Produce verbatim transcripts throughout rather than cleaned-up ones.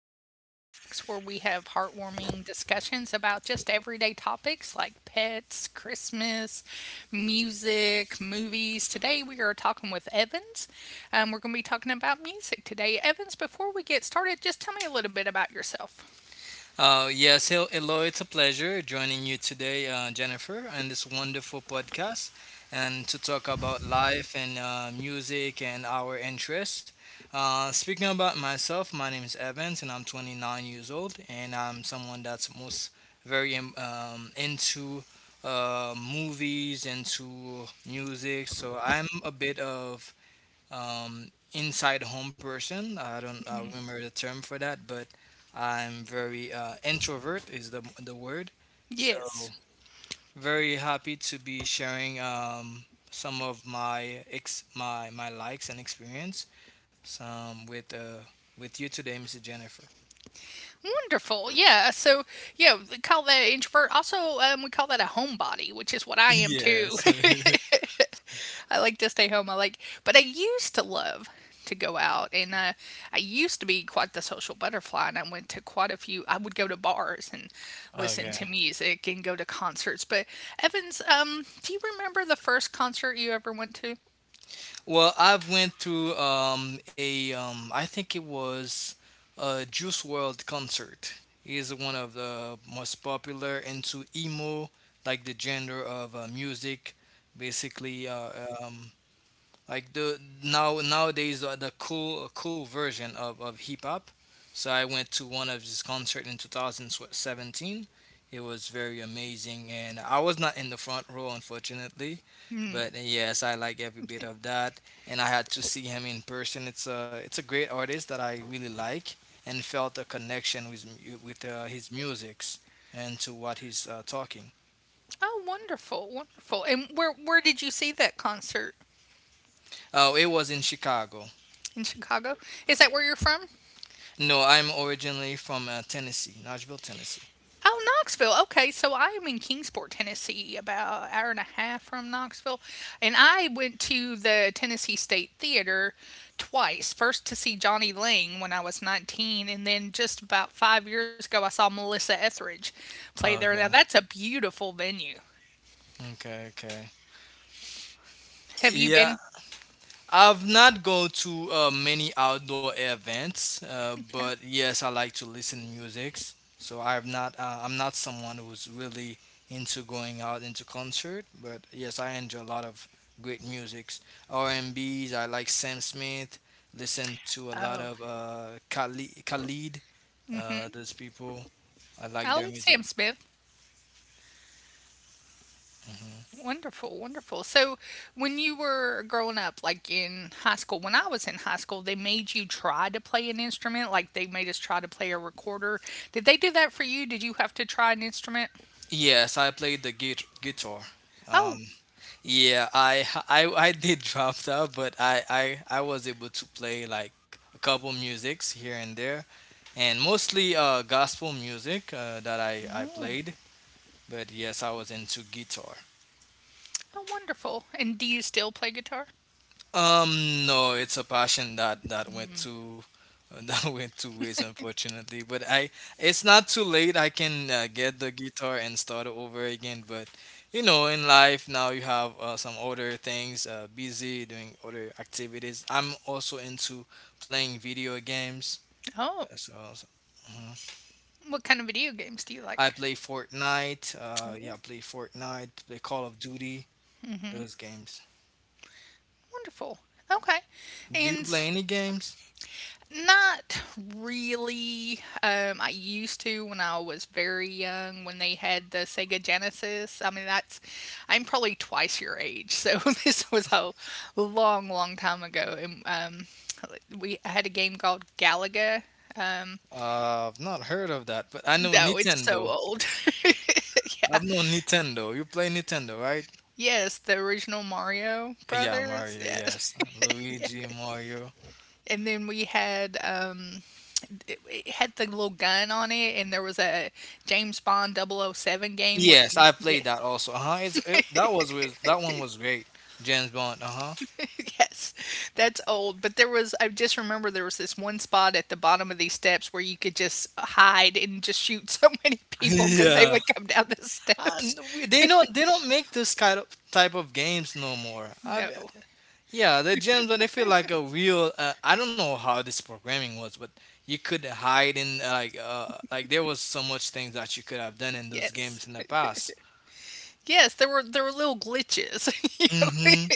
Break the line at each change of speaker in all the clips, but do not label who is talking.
to Gen Talks, where we have heartwarming discussions about just everyday topics like pets, Christmas, music, movies. Today we are talking with Evans, and we're going to be talking about music today. Evans, before we get started, just tell me a little bit about yourself.
Uh, yes, hel- hello. It's a pleasure joining you today, uh, Jennifer, and this wonderful podcast, and to talk about life and uh, music and our interests. Uh, speaking about myself, my name is Evans, and I'm twenty-nine years old, and I'm someone that's most very um, um, into uh, movies, into music. So I'm a bit of um, inside home person. I don't uh, remember the term for that, but I'm very uh, introvert is the the word. So
Yes.
very happy to be sharing um, some of my ex my my likes and experience some with uh, with you today, mister Jennifer.
Wonderful. Yeah. So, yeah, we call that an introvert. Also, um, we call that a homebody, which is what I am too.
Yes.
I like to stay home. I like, but I used to love to go out, and uh, I used to be quite the social butterfly. And I went to quite a few. I would go to bars and listen
Okay.
to music and go to concerts. But Evans, um, do you remember the first concert you ever went to?
Well, I've went through um, a um, I think it was a Juice World concert. He is one of the most popular into emo, like the genre of uh, music, basically. Uh, um, like the now Nowadays uh, the cool cool version of, of hip hop. So I went to one of his concert in two thousand seventeen. It was very amazing, and I was not in the front row, unfortunately, but uh, yes, I like every bit of that. And I had to see him in person. It's a it's a great artist that I really like and felt a connection with mu- with uh, his musics and to what he's uh, talking.
Oh, wonderful, wonderful. And where where did you see that concert?
Oh, it was in Chicago.
In Chicago? Is that where you're from?
No, I'm originally from uh, Tennessee, Nashville, Tennessee.
Oh, Knoxville. Okay, so I am in Kingsport, Tennessee, about an hour and a half from Knoxville, and I went to the Tennessee State Theater twice. First to see Johnny Lang when I was nineteen, and then just about five years ago, I saw Melissa Etheridge play there. Now
Okay,
that's a beautiful venue.
okay, okay.
Have you
Yeah,
been?
I've not go to uh, many outdoor events, uh,
Okay.
but yes, I like to listen to musics. So I'm not uh, I'm not someone who's really into going out into concert, but yes, I enjoy a lot of great musics. R&Bs, I like Sam Smith, listen to a lot
Oh,
of uh, Khalid, Khalid, uh, those people. I like
I
their
like
music.
Sam Smith. Wonderful, wonderful. So, when you were growing up, like in high school, when I was in high school, they made you try to play an instrument. Like they made us try to play a recorder. Did they do that for you? Did you have to try an instrument?
Yes, I play the gui- guitar.
Oh,
Um, Yeah, I I I did drop that, but I I I was able to play like a couple musics here and there, and mostly uh gospel music uh, that I I
oh,
played. But yes, I was into guitar.
oh, wonderful. And do you still play guitar?
Um, no, it's a passion that that went to that went two ways, unfortunately. But I, it's not too late. I can uh, get the guitar and start over again. But you know, in life now you have uh, some other things, uh, busy doing other activities. I'm also into playing video games.
Oh,
uh, So, so- mhm.
what kind of video games do you
I
like?
play Fortnite. Uh, yeah,
Oh,
play Fortnite. Play Call of Duty. Those games.
wonderful. Okay.
Do you
And
play any games?
not really. Um, I used to when I was very young when they had the Sega Genesis. I mean, that's I'm probably twice your age, so this was a long, long time ago. And um, we I had a game called Galaga. Um,
Uh, I've not heard of that, but I know
no, it's so
Nintendo.
old. Yeah.
I've known Nintendo. You play Nintendo, right?
Yes, the original Mario
Yeah,
Brothers.
Mario.
Yes.
Yes, Luigi, Mario.
And then we had um it, it had the little gun on it and there was a James Bond double oh 007 game where
Yes,
you
I
yeah.
played that also. Uh huh. It's it, that was with that one was great. James Bond. Uh huh.
Yes, that's old. But there was, I just remember there was this one spot at the bottom of these steps where you could just hide and just shoot so many people because they
Yeah.
would come down the steps.
And we, they don't they don't make this kind of type of games no more. I
No.
yeah, the gems but they feel like a real. Uh, I don't know how this programming was, but you could hide in uh, like uh, like there was so much things that you could have done in those
Yes.
games in the past.
Yes, there were there were little glitches. You know,
Mm-hmm.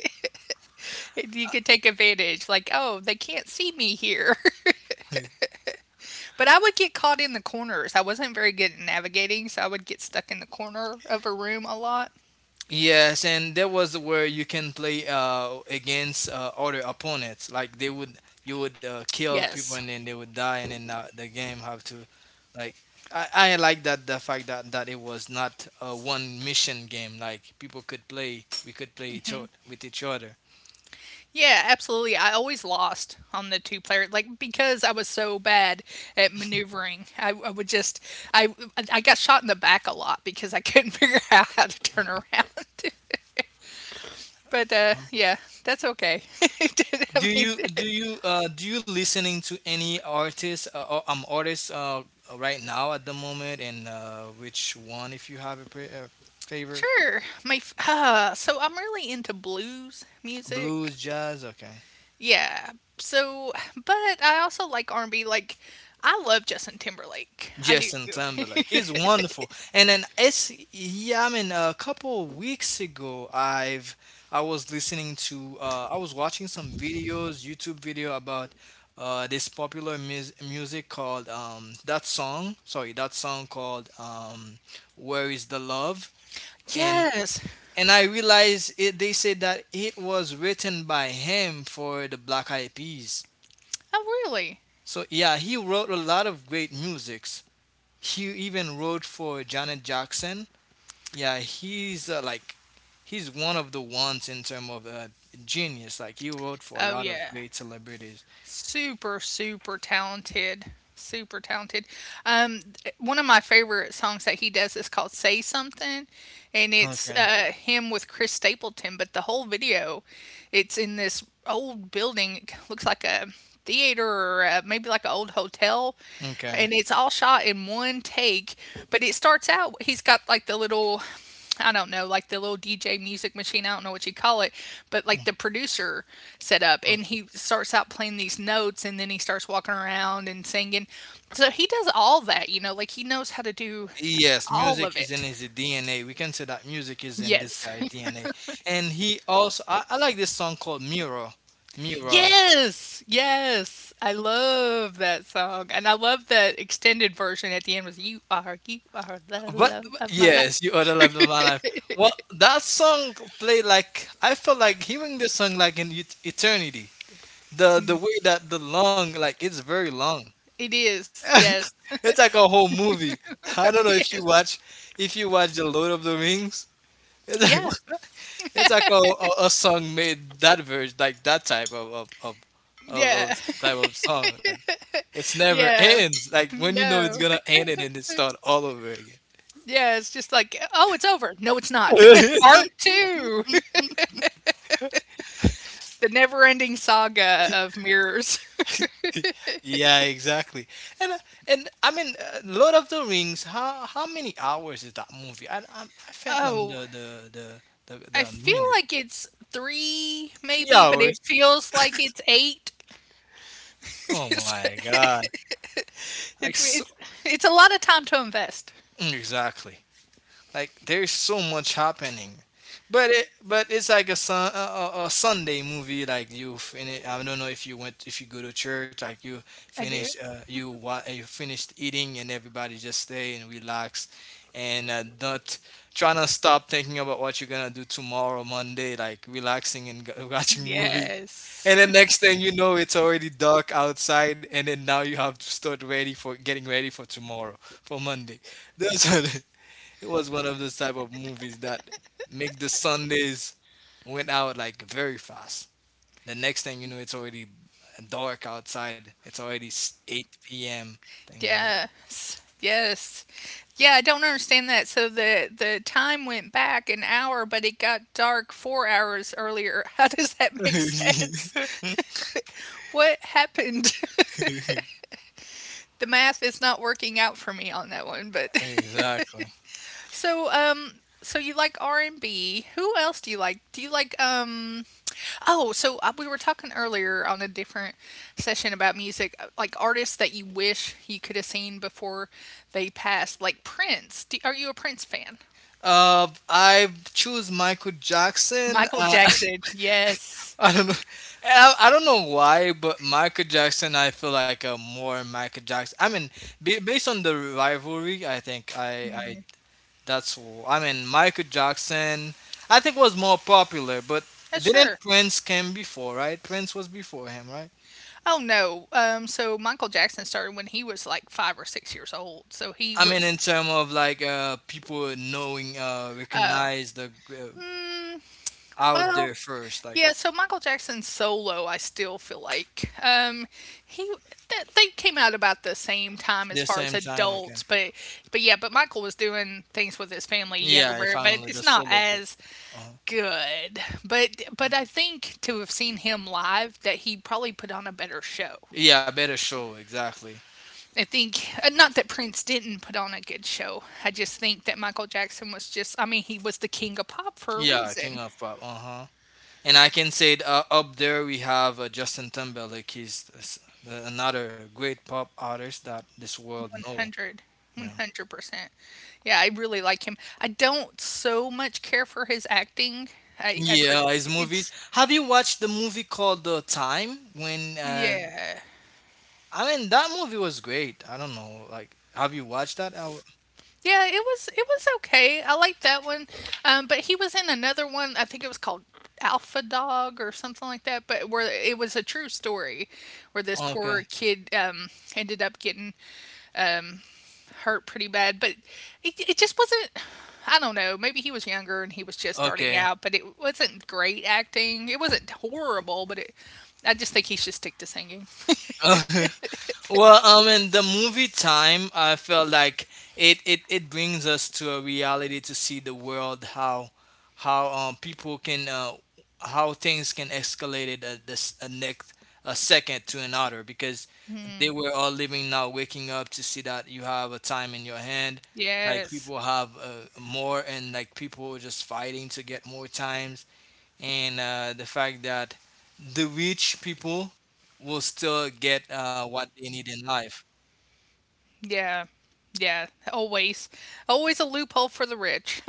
and you could take advantage, like, oh, they can't see me here. But I would get caught in the corners. I wasn't very good at navigating, so I would get stuck in the corner of a room a lot.
Yes, and that was where you can play uh, against uh, other opponents. Like they would, you would uh, kill people, and
Yes.
then they would die, and then uh, the game have to like. I, I like that the fact that, that it was not a one mission game. Like people could play, we could play each o- with each other.
Yeah, absolutely. I always lost on the two player, like because I was so bad at maneuvering. I, I would just, I, I got shot in the back a lot because I couldn't figure out how to turn around. But uh, yeah, that's okay. I
Do
mean,
you do you uh, do you listening to any artists uh, or um artists uh, right now at the moment, and uh, which one if you have a, pre- a favorite?
sure. My f- uh, so I'm really into blues music.
Blues, jazz, okay.
Yeah. So, but I also like R and B. Like, I love Justin Timberlake. I do.
Justin Timberlake, he's wonderful. And then it's yeah, I mean, a couple of weeks ago, I've I was listening to uh, I was watching some videos, YouTube video about uh, this popular mus- music called um, that song. Sorry, that song called um, "Where Is the Love," and
Yes.
and I realized it, they said that it was written by him for the Black Eyed Peas.
Oh, really?
So yeah, he wrote a lot of great music. He even wrote for Janet Jackson. Yeah, he's uh, like he's one of the ones in term of uh, genius. Like he wrote for a
Oh,
lot of
yeah.
great celebrities.
super super talented, super talented, um one of my favorite songs that he does is called Say Something, and it's
Okay.
uh him with Chris Stapleton, but the whole video, it's in this old building. It looks like a theater or uh maybe like an old hotel,
Okay.
and it's all shot in one take, but it starts out he's got like the little, I don't know, like the little D J music machine. I don't know what you call it, but like the producer set up, and
Okay.
he starts out playing these notes, and then he starts walking around and singing. So he does all that, you know, like he knows how to do
Yes,
all of
music is
it.
in his D N A. We can say that music is in this
Yes.
guy's D N A. And he also, I, I like this song called Mirror. Mirror.
Yes. Yes. I love that song. And I love the extended version at the end was you are you are the
But,
love
but
of my life.
yes, you are the love of my life. Well, that song played like, I felt like hearing this song like in et- eternity. The the way that the long like it's very long.
It is. Yes.
It's like a whole movie. I don't know if
Yes.
you watch if you watch the Lord of the Rings. It's
Yeah.
like it's like a, a, a song made that version like that type of of, of of of
Yeah.
type of song. Like it's never
Yeah.
ends. Like when you know it's
No.
gonna end and then it start all over again.
Yeah, it's just like, "Oh, it's over." No, it's not. Part two, the never-ending saga of mirrors.
Yeah, exactly. And uh, and I mean, uh, Lord of the Rings. How how many hours is that movie? I I, I phantom
Oh,
the the the the
I
the
feel
minute.
like it's three
Three
maybe, but it
hours.
feels like it's eight.
Oh
It's
my God! I
it's
so,
it's it's a lot of time to invest.
Mm, exactly. Like there's so much happening, but it but it's like a sun a, a a Sunday movie. Like you finish. I don't know if you went if you go to church. Like you
I do.
finish uh, you wa- uh, you finished eating and everybody just stay and relax, and uh, not trying to stop thinking about what you're gonna do tomorrow Monday. Like relaxing and g- watching movie. And
Yes.
the next thing you know, it's already dark outside, and then now you have to start ready for getting ready for tomorrow, for Monday. That's what it was one of those type of movies that make the Sundays went out like very fast. The next thing you know, it's already dark outside. It's already s- eight p m. Things like
Yes. Yes. Yeah, I don't understand that. So the the time went back an hour, but it got dark four hours earlier. How does that make sense?
that.
What happened? The math is not working out for me on that one, but
Exactly.
so um so you like R and B. Who else do you like? Do you like um oh, so uh, we were talking earlier on a different session about music uh, like artists that you wish you could have seen before they passed, like Prince. Do, are you a Prince fan?
Uh, I choose Michael Jackson.
Michael
Uh,
Jackson, yes.
I don't know. And I, I don't know why, but Michael Jackson, I feel like a more Michael Jackson. I mean, ba- based on the rivalry, I think I
Mm.
I that's all. I mean, Michael Jackson, I think was more popular, but
Uh,
didn't
sure.
Prince came before, right? Prince was before him, right?
Oh no. Um so Michael Jackson started when he was like five or six years old. So he
I mean,
was
in terms of like uh, people knowing, uh, recognize the uh, out
well,
there first, like
yeah, so Michael Jackson's solo, I still feel like um, he th- they came out about the same time
the
as far
same
as
time. Okay.
adults, but but yeah, but Michael was doing things with his family, younger
Yeah, if
brother,
I'm
but
only
it's
the
not
solo group.
as
Uh
good. But but I think to have seen him live, that he probably put on a better show.
Yeah, better show exactly.
I think uh, not that Prince didn't put on a good show. I just think that Michael Jackson was just, I mean, he was the king of pop for a
Yeah, King
reason.
of Pop. Uh huh. And I can say uh, up there we have uh, Justin Timberlake. He's s- another great pop artist that this world know.
one hundred.
Yeah.
one hundred percent. Yeah, I really like him. I don't so much care for his acting. I I per
Yeah, his movies.
it's
Have you watched the movie called The Time? When uh,
yeah.
I mean that movie was great. I don't know, like, have you watched that? I w-
Yeah, it was it was okay. I liked that one. Um, but he was in another one. I think it was called Alpha Dog or something like that. But where it was a true story, where this
okay,
poor kid um ended up getting hurt pretty bad, but it it just wasn't I don't know, maybe he was younger and he was just starting
okay.
out, but it wasn't great acting. It wasn't horrible, but it I just think he should stick to singing.
Well, um, in the movie time, I felt like it, it, it brings us to a reality to see the world how how um people can uh how things can escalate it at this a next a second to another because they were all living now waking up to see that you have a time in your hand like
Yes.
people have uh, more and like people were just fighting to get more times and uh, the fact that the rich people will still get uh, what they need in life.
Yeah. Yeah. Always. Always a loophole for the rich.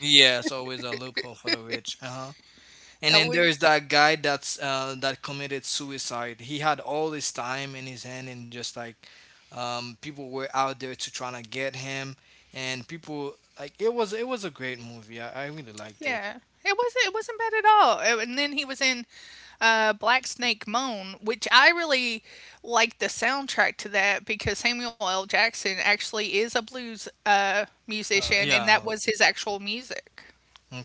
Yeah, it's always a loophole for the rich. Uh-huh. And then there is
Always.
that guy that's uh, that committed suicide. He had all his time in his hand, and just like um, people were out there to trying to get him, and people like it was it was a great movie. I, I really liked it.
Yeah, it wasn't it wasn't bad at all. Uh, And then he was in uh, Black Snake Moan, which I really liked the soundtrack to that because Samuel L. Jackson actually is a blues uh,
Uh,
musician, and that
yeah,
was his actual music.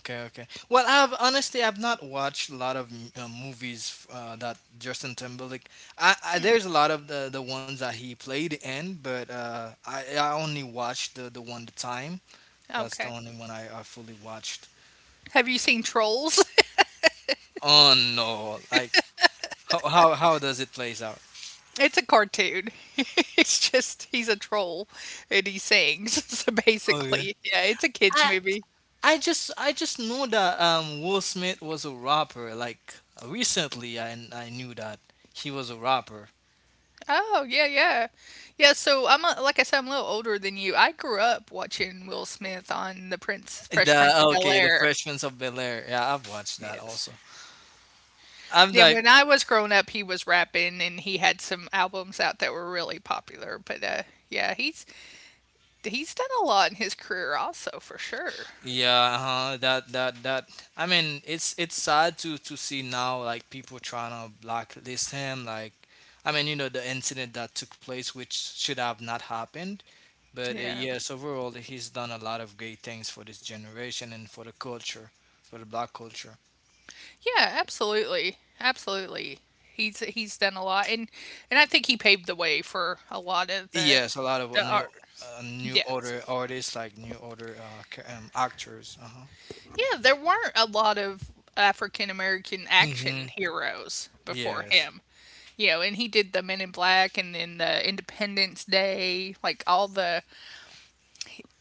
Okay, okay. Well, I've honestly I've not watched a lot of m- uh, movies uh, that Justin Timberlake. I, I there's a lot of the, the ones that he played in, but uh, I I only watched the the one the time. That's the
Okay.
only one I, I fully watched.
Have you seen Trolls?
Oh no! Like how how how does it plays out?
It's a cartoon. It's just he's a troll and he sings. So
Okay.
basically, yeah, it's a kids
I
movie.
I just I just know that um Will Smith was a rapper. Like recently, I I knew that he was a rapper.
Oh, yeah, yeah. Yeah, so I'm a, like I said, I'm a little older than you. I grew up watching Will Smith on The Prince, Fresh
The
Prince of
oh, okay, the
Bel-Air.
Freshmen of Bel Air. Yeah, I've watched that
Yes.
also. I'm
Yeah,
like,
when I was growing up, he was rapping and he had some albums out that were really popular, but uh yeah, he's he's done a lot in his career also, for sure.
yeah, huh? That that that. I mean, it's it's sad to to see now like people trying to blacklist him. Like, I mean, you know, the incident that took place, which should have not happened. But uh,
Yeah.
yes, overall, he's done a lot of great things for this generation and for the culture, for the black culture.
Yeah, absolutely. Absolutely. He's he's done a lot and and I think he paved the way for a lot of the
Yes, a lot of uh,
the
new
art.
uh, new
Yes.
order artists like new order uh, ca- um, actors. Uh huh.
Yeah, there weren't a lot of African American action
Mm-hmm.
heroes before
Yes.
him. You know, and he did the Men in Black and then the Independence Day, like all the,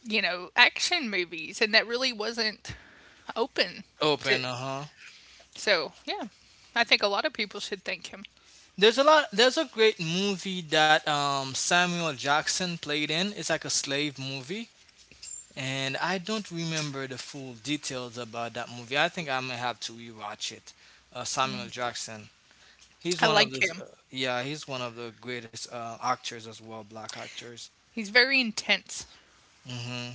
you know, action movies, and that really wasn't open to.
Open, uh-huh.
So, yeah, I think a lot of people should thank him.
There's a lot there's a great movie that um Samuel Jackson played in. It's like a slave movie. And I don't remember the full details about that movie. I think I may have to rewatch it. Uh, Samuel Jackson. He's
I
one of
like
those.
him.
Uh, yeah, he's one of the greatest uh, actors as well, black actors.
He's very intense.
Hmm.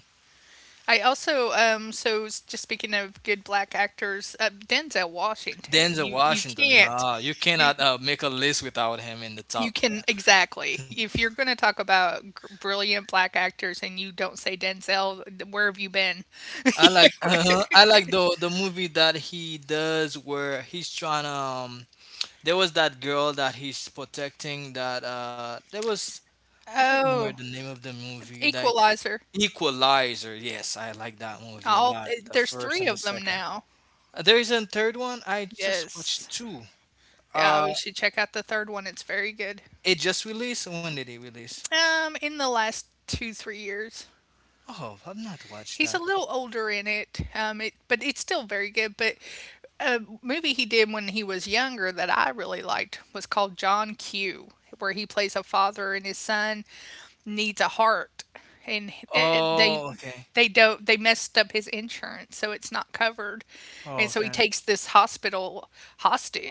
I also, um, so s- just speaking of good black actors, uh, Denzel Washington,
Denzel
you you
Washington.
can't,
Nah, you
you,
cannot uh, make a list without him in the
You
top.
can
Yeah.
exactly. If you're gonna talk about g brilliant black actors and you don't say Denzel, th where have you been?
I like. I like the the movie that he does where he's trying to. There was that girl that he's protecting. That uh, there was I don't remember
Oh,
the name of the movie. Like
Equalizer.
Equalizer. Yes, I like that movie a
All
lot.
th
The
there's
first
three
and the
of them
second.
now.
Uh, There is a third one. I just watched
Yes.
two.
Yeah,
Uh,
we should check out the third one, it's very good.
it just released. When did it release?
Um, in the last two, three years.
Oh, I've not watched
He's a
that.
little older in it, um, it but it's still very good, but a movie he did when he was younger that I really liked was called John Q, where he plays a father and his son needs a heart, and it, they
Oh, okay.
they don't they messed up his insurance, so it's not covered, and
Oh,
so he
okay.
takes this hospital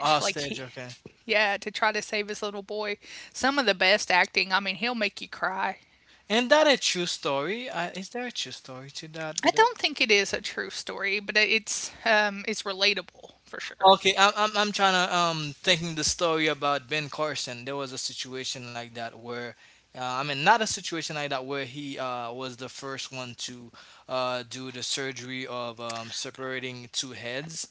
Oh,
like
stage.
he
Okay.
yeah, to try to save his little boy. Some of the best acting. I mean, he'll make you cry.
And that a true story? Uh, is there a true story to that?
I don't think it is a true story, but it's um it's relatable for sure.
Okay, I'm I'm I'm trying to um thinking the story about Ben Carson. There was a situation like that where, uh, I mean, not a situation like that where he uh was the first one to uh do the surgery of um separating two heads.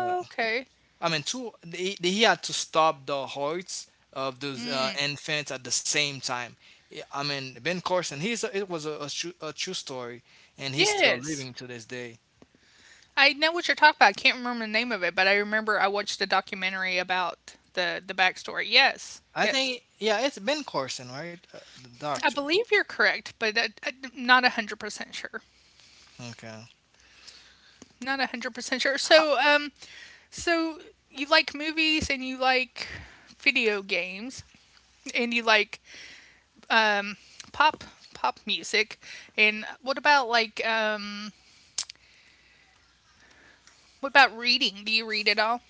Uh, I mean, two he, he had to stop the hearts of those uh, infants at the same time. Yeah, I mean, Ben Carson, he's a, it was a, a, true, a true story, and he's still
Yes.
living to this day.
I know what you're talking about. I can't remember the name of it, but I remember I watched a documentary about the the backstory. Yes.
I
Yes.
think, yeah, it's Ben Carson, right? Uh, the
I
doctor.
believe you're correct, but I, I, not one hundred percent sure.
Okay.
Not one hundred percent sure.
Uh,
So, um, so you like movies and you like video games and you like um, pop pop music, and what about like um what about reading? Do you read at all?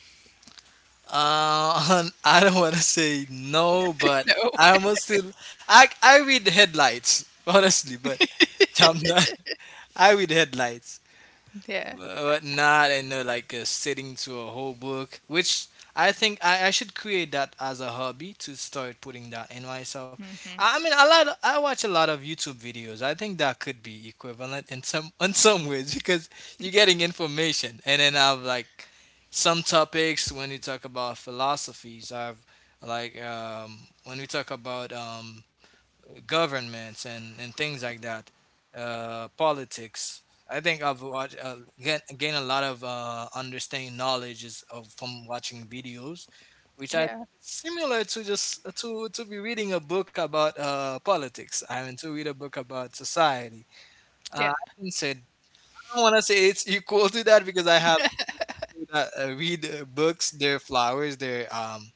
I don't want to say no, but
No.
I almost still. I I read headlights honestly, but I'm not. I read headlights.
Yeah.
But not in a, like uh, sitting to a whole book, which i think I, I should create that as a hobby to start putting that in myself. i, I mean, a lot I watch a lot of YouTube videos. I think that could be equivalent in some in some ways because you're getting information. And then I've, like, some topics when you talk about philosophies I've like um, when we talk about um, governments and, and things like that, uh, politics. I think I've watched uh, gain, gain a lot of uh, understanding knowledge is of from watching videos, which I
Yeah.
similar to just to to be reading a book about uh, politics. I mean, to read a book about society.
Yeah.
Uh, I said I don't want to say it's equal to that because I have to uh, read uh, books, their flowers, their um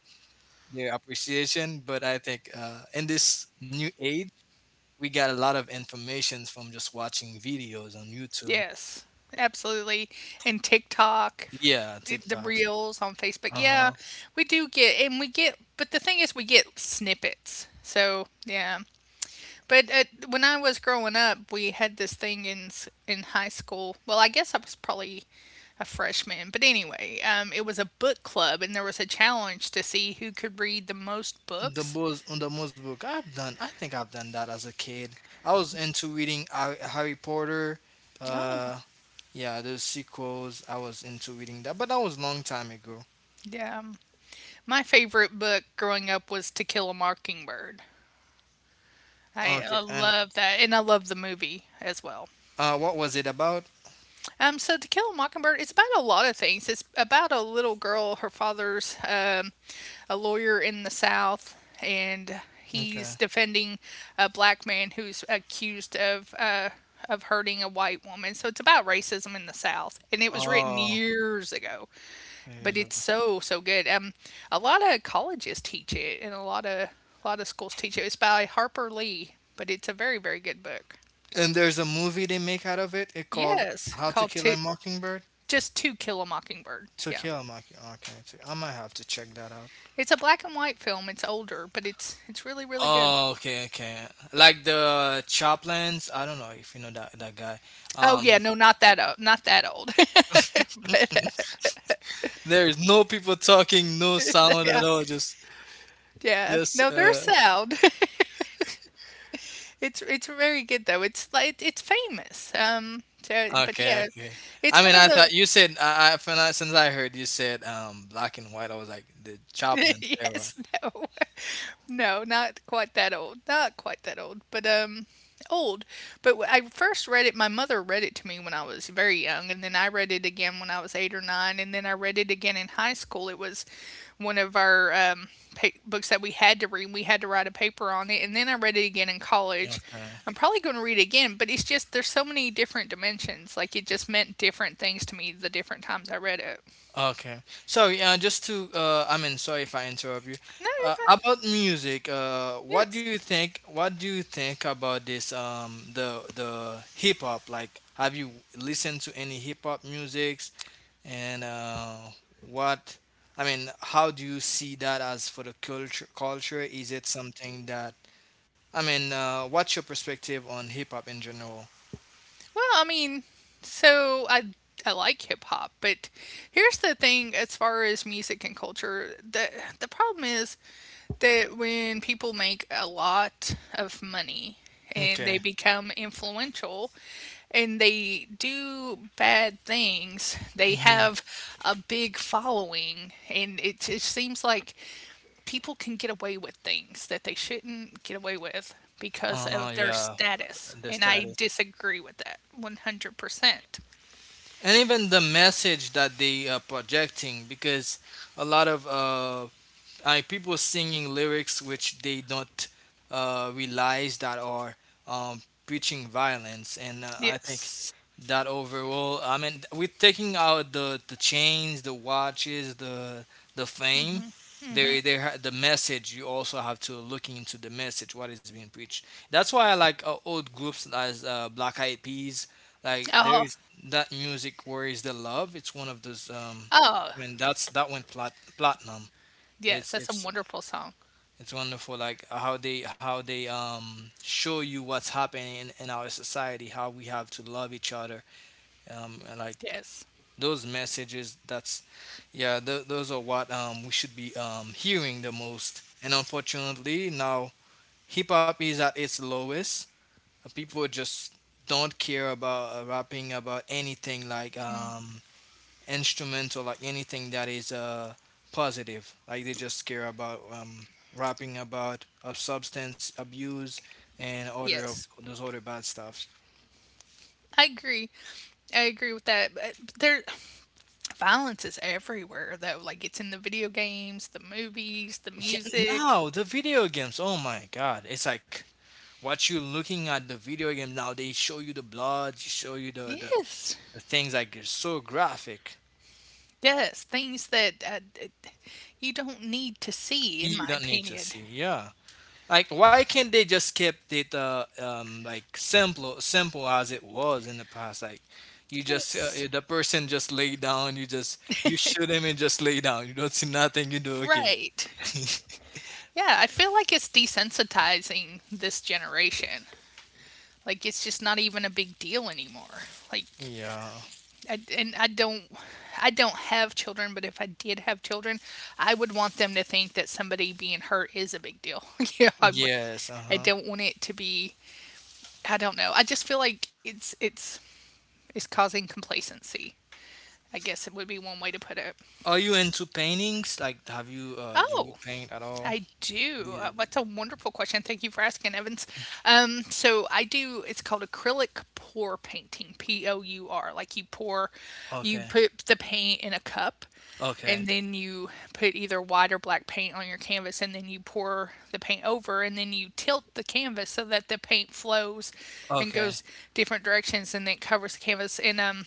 their appreciation. But I think uh, in this new age we got a lot of information from just watching videos on YouTube.
Yes, absolutely, and TikTok,
Yeah,
it the
TikToks.
Reels on Facebook.
Uh
Yeah,
huh.
we do get, and we get, but the thing is, we get snippets. So, yeah. But uh, when I was growing up, we had this thing in s- in high school. Well, I guess I was probably a freshman, but anyway, um, it was a book club, and there was a challenge to see who could read the most
The
books.
most on the most book I've done. I think I've done that as a kid. I was into reading Har- Harry Potter. Uh, yeah, those sequels. I was into reading that, but that was long time ago.
Yeah, um, my favorite book growing up was To Kill a Mockingbird. I
Okay,
I
and
love that, and I love the movie as well.
uh, what was it about?
Um, so To Kill a Mockingbird is about a lot of things. It's about a little girl. Her father's um, a lawyer in the South, and he's
Okay.
defending a black man who's accused of uh, of hurting a white woman. So it's about racism in the South, and it was written
Oh,
years ago,
it
but
is
it's
over.
so so good. Um, a lot of colleges teach it, and a lot of a lot of schools teach it. It's by Harper Lee, but it's a very very good book.
And there's a movie they make out of it. It called
Yes,
How to
called
Kill a
two,
Mockingbird.
just To Kill a Mockingbird.
To
Yeah,
Kill a Mockingbird. Okay, so I might have to check that out.
it's a black and white film. It's older, but it's it's really really good.
Oh, okay, okay. Like the Chaplins, I don't know if you know that that guy.
Oh
Um,
yeah, no, not that old, not that old.
there is no people talking, no sound at
Yeah,
all. Just,
yeah.
just.
No, they're
Uh,
sound. it's it's very good though. It's like it's famous. Um, so, but
okay,
yeah,
okay.
it's
I
one
mean,
of
I
the—
thought you said. I, I when I- since I heard you said um black and white, I was like the Chaplin era.
yes, no. No, not quite that old. Not quite that old, but um, old. But wh- I first read it. My mother read it to me when I was very young, and then I read it again when I was eight or nine, and then I read it again in high school. It was one of our um, pa- books that we had to read. We had to write a paper on it, and then I read it again in college.
Okay.
I'm probably going to read it again, but it's just there's so many different dimensions. Like it just meant different things to me the different times I read it.
Okay. So, yeah, just to, uh, I mean, sorry if I interrupt you.
No, you're
Uh,
fine.
about music, uh, what do you
Yes.
think? What do you think about this? Um, the the hip hop. Like, have you listened to any hip hop musics? And uh, what? I mean, how do you see that as for the culture? Culture is it something that? I mean, uh, what's your perspective on hip hop in general?
Well, I mean, so I I like hip hop, but here's the thing: as far as music and culture, the the problem is that when people make a lot of money and
Okay.
they become influential and they do bad things, they
Mm-hmm.
have a big following. And it just seems like people can get away with things that they shouldn't get away with because
Uh,
of their
yeah,
status.
the
And
start
I disagree with that one hundred percent.
and even the message that they are projecting, because a lot of uh, like people singing lyrics which they don't uh, realize that are um, preaching violence. And uh, I think
Yes.
that overall, I mean, we taking out the the chains, the watches, the the fame,
Hmm.
there there ha- the message. You also have to looking into the message, what is being preached. That's why I like uh, old groups as uh, Black Eyed Peas. Like there
Oh,
is that music Where Is the Love. It's one of those, um
oh,
I mean, that's that went plat- platinum.
yes.
it's
That's a
it's
wonderful song.
it's wonderful, like how they how they um show you what's happening in, in our society, how we have to love each other, um, and like
Yes.
those messages. That's Yeah, th- those are what um we should be um hearing the most. And unfortunately, now hip hop is at its lowest. Uh, People just don't care about uh, rapping about anything, like um instrumental, like anything that is uh, positive. Like they just care about um, rapping about uh, substance abuse and other of
Yes.
those other bad stuff.
I agree. I agree with that. But there, violence is everywhere though. Like it's in the video games, the movies, the
Yeah,
music.
now the video games. Oh my God, it's like what you looking at the video game now. They show you the blood, they show you the the,
Yes,
the things. Like, it's so graphic.
yes, things that uh, d- you don't need to see, in
You
my
don't need to
opinion.
see. Yeah. Like, why can't they just kept it uh, um, like simple, simple as it was in the past? Like, you just uh,
Yes,
the person just lay down, you just you shoot him and just lay down. You don't see nothing. You do okay.
right. Yeah, I feel like it's desensitizing this generation. Like it's just not even a big deal anymore. Like
Yeah.
I, and I don't I don't have children, but if I did have children, I would want them to think that somebody being hurt is a big deal. you know, I, would-
Yes. Uh
I
huh.
don't want it to be I don't know. I just feel like it's it's it's causing complacency. I guess it would be one way to put it.
Are you into paintings? Like, have you uh, do you
Oh,
paint at all?
I do. Uh,
Did-
That's a wonderful question. Thank you for asking, Evans. Um, so I do. It's called acrylic pour painting. P O U R. Like you pour, you
Okay.
put the paint in a cup,
Okay.
and then you put either white or black paint on your canvas, and then you pour the paint over, and then you tilt the canvas so that the paint flows and
Okay.
goes different directions, and then it covers the canvas. And um,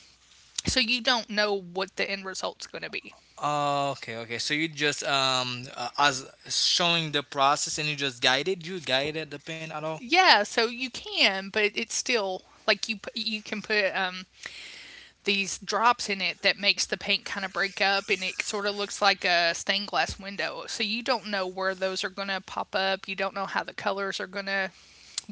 so you don't know what the end result's going to be.
Oh, okay. Okay. So you just um uh, as showing the process, and you just guided you guided the paint at all?
Yeah, so you can, but it's still like you pu- you can put um these drops in it that makes the paint kind of break up, and it sort of looks like a stained glass window. So you don't know where those are going to pop up. You don't know how the colors are going to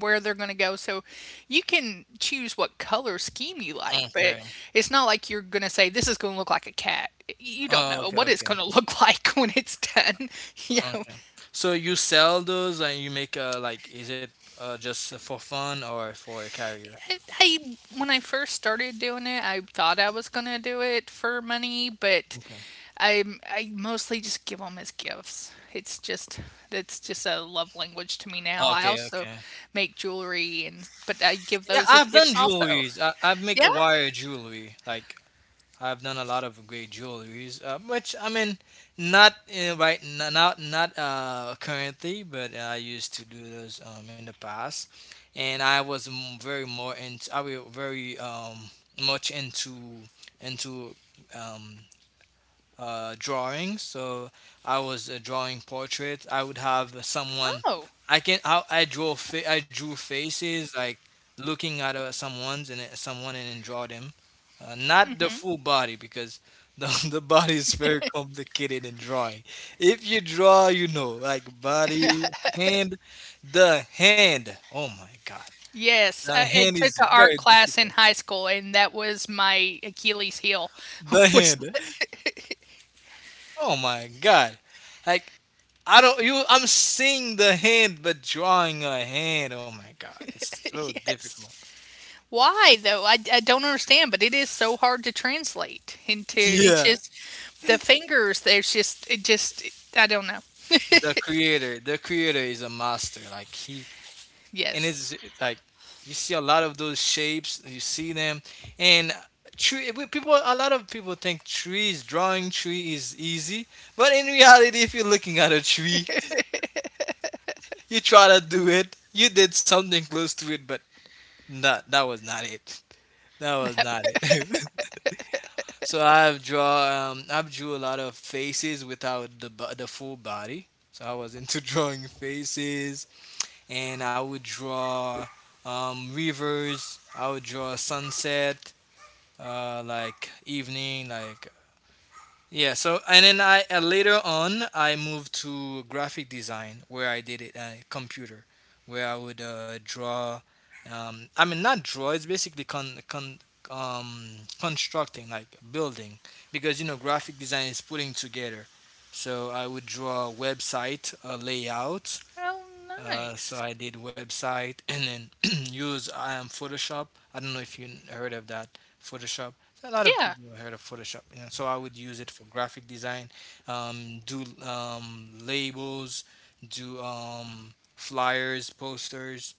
where they're going to go. So you can choose what color scheme you like, but
Okay.
it's not like you're going to say this is going to look like a cat. You don't
Oh,
know
okay,
what it's
okay,
going to look like when it's done, you know.
okay. So you sell those and you make uh like, is it uh just for fun or for a carrier?
I, I when I first started doing it, I thought I was gonna do it for money, but
Okay.
I I mostly just give them as gifts. It's just that's just a love language to me now. I
Okay,
also
okay.
make jewelry, and but I give
Yeah,
those as
I've done
gifts also.
jewelries. I, I've make
Yeah.
wire jewelry. Like I've done a lot of great jewelries, uh, which I mean, not uh, right n- not not uh, currently, but I used to do those um, in the past. And I was m- very more into I was very, um much into into um uh, drawing. So I was uh, drawing portraits. I would have someone.
Oh.
I can. I, I draw. Fa- I drew faces, like looking at uh, someone's and uh, someone and then draw them. Uh, not the full body, because the the body is very complicated in drawing. If you draw, you know, like body, hand, the hand. Oh my God,
Yes,
the
I, I
hand
took
is
an art
very
class in
difficult.
high school, and that was my Achilles heel.
The
Was
hand. Oh my God. Like, I don't you I'm seeing the hand, but drawing a hand. Oh my God, it's so difficult.
yes. Why though? I, I don't understand, but it is so hard to translate into— it's
Yeah.
just the fingers, there's just it just— I don't know.
The creator, the creator is a master. Like he, and it's
Yes.
like you see a lot of those shapes, you see them. And tree we- people, a lot of people think trees, drawing tree is easy, but in reality, if you're looking at a tree, you try to do it, you did something close to it but not that was not it. That was not it. So I've draw um, I've drew a lot of faces without the bo- the full body. So I was into drawing faces, and I would draw um, rivers. I would draw sunset, uh, like evening, like, yeah. So and then I uh, later on I moved to graphic design, where I did it uh, computer, where I would uh, draw. Um, I mean, not draw. It's basically con con um, constructing, like building, because you know graphic design is putting together. So I would draw website, a layout,
Oh,
uh, so
nice.
I did website and then use um, Photoshop. I don't know if you heard of that Photoshop. So a lot of
Yeah.
people heard of Photoshop, you know, so I would use it for graphic design, um, do um, labels, do um, flyers, posters,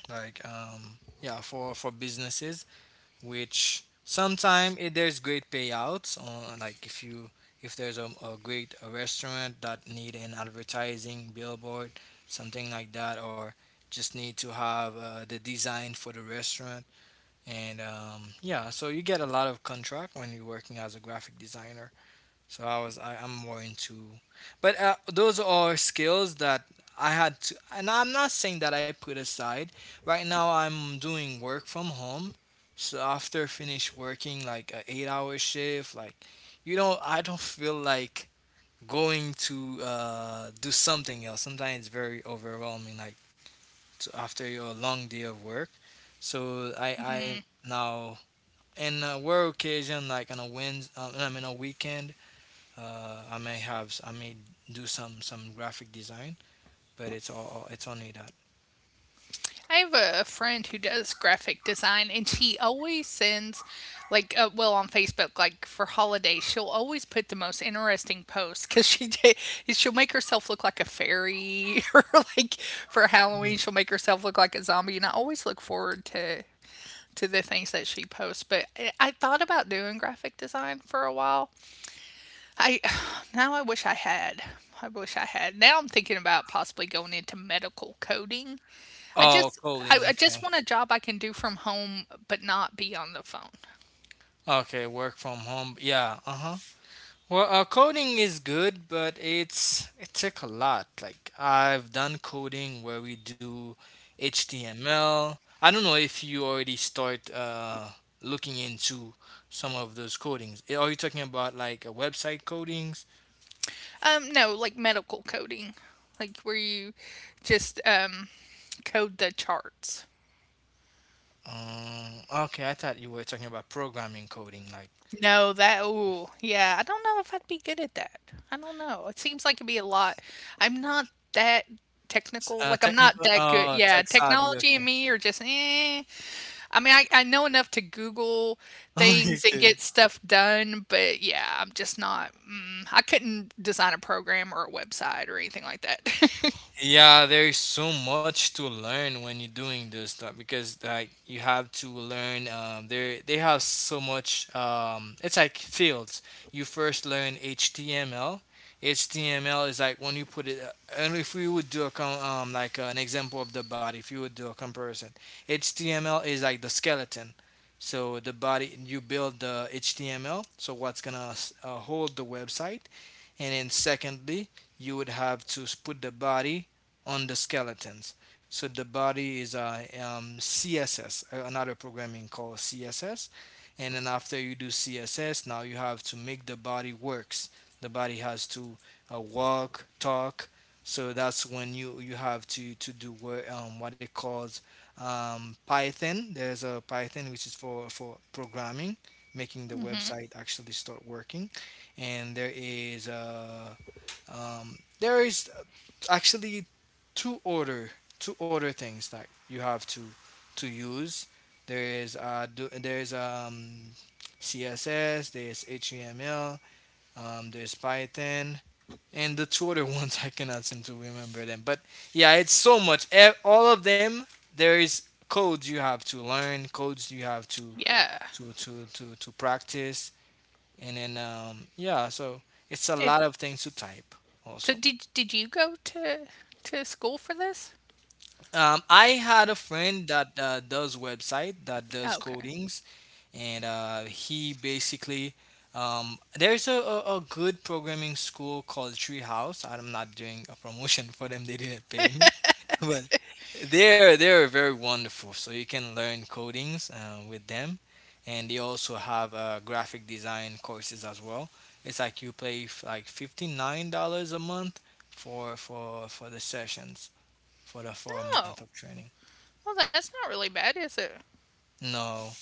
like, um, yeah, for for businesses, which sometimes there's great payouts on, like if you, if there's a, a great, a restaurant that need an advertising billboard, something like that, or just need to have uh, the design for the restaurant. And um, yeah, so you get a lot of contract when you're working as a graphic designer. So I was I, I'm more into, but uh, those are skills that I had to, and I'm not saying that I put aside. Right now I'm doing work from home, so after finish working like a eight hour shift, like you know I don't feel like going to uh, do something else. Sometimes it's very overwhelming, like to, after your long day of work. So I I
Mm.
now, in a rare occasion like on a Wednesday, um, I mean a weekend. Uh, I may have I may do some some graphic design, but it's all it's only that.
I have a friend who does graphic design, and she always sends, like, uh, well, on Facebook, like for holidays, she'll always put the most interesting posts because she did. She'll make herself look like a fairy, or like for
Mm.
Halloween, she'll make herself look like a zombie, and I always look forward to to the things that she posts. But I- thought about doing graphic design for a while. I now I wish I had. I wish I had. Now I'm thinking about possibly going into medical coding. I
Oh,
just
coding.
I, I just want a job I can do from home but not be on the phone.
Okay. Okay, work from home. Yeah. Uh-huh. Well, uh, coding is good, but it's it took a lot. Like I've done coding where we do H T M L. I don't know if you already start uh looking into some of those codings. Eh, Are you talking about like a website codings?
Um no, like medical coding. Like where you just um code the charts.
Um, okay, I thought you were talking about programming coding, like.
No, that ooh, yeah. I don't know if I'd be good at that. I don't know. It seems like it'd be a lot. I'm not that
S-
technical.
Uh,
Like I'm not
technical.
that good.
Oh, tech
Yeah,
savvy.
technology and
Okay.
me are just eh. I mean, I, I know enough to Google things
Okay.
and
Okay.
get stuff done, but yeah, I'm just not. Mm, I couldn't design a program or a website or anything like that.
Yeah, there is so much to learn when you're doing this stuff, because like you have to learn, um there they have so much, um it's like fields. You first learn H T M L. H T M L is like when you put it, uh, and if we would do a com- um like, uh, an example of the body, if you would do a comparison. H T M L is like the skeleton. So the body, you build the H T M L, so what's gonna s- uh, hold the website, and then, secondly, you would have to put the body on the skeletons, so the body is a, um, CSS, another programming called CSS. And then after you do CSS, now you have to make the body works. The body has to, uh, walk, talk. So that's when you you have to to do, what, um, what it calls, um, Python. There's a Python, which is for for programming, making the website actually start working. And there is, uh um there is, actually, two order two order things that you have to to use. There is, uh do, there's, um C S S, there's H T M L, um, there's Python, and the two other ones I cannot seem to remember them. But yeah, it's so much. E- All of them, there is codes you have to learn, codes you have to
Yeah.
to to to, to practice, and then, um, yeah, so it's a
It,
lot of things to type
so
also.
did did you go to to school for this?
um, I had a friend that, uh, does website, that
Oh,
does
okay.
codings. And uh, he basically, um, there's a, a, a good programming school called Treehouse. I'm not doing a promotion for them, they didn't pay me but they're they're very wonderful. So you can learn codings, uh, with them, and they also have, uh, graphic design courses as well. It's like you pay, f- like, fifty nine dollars a month, for for for the sessions, for the for a
Oh,
month of training.
well, that's not really bad, is it?
No,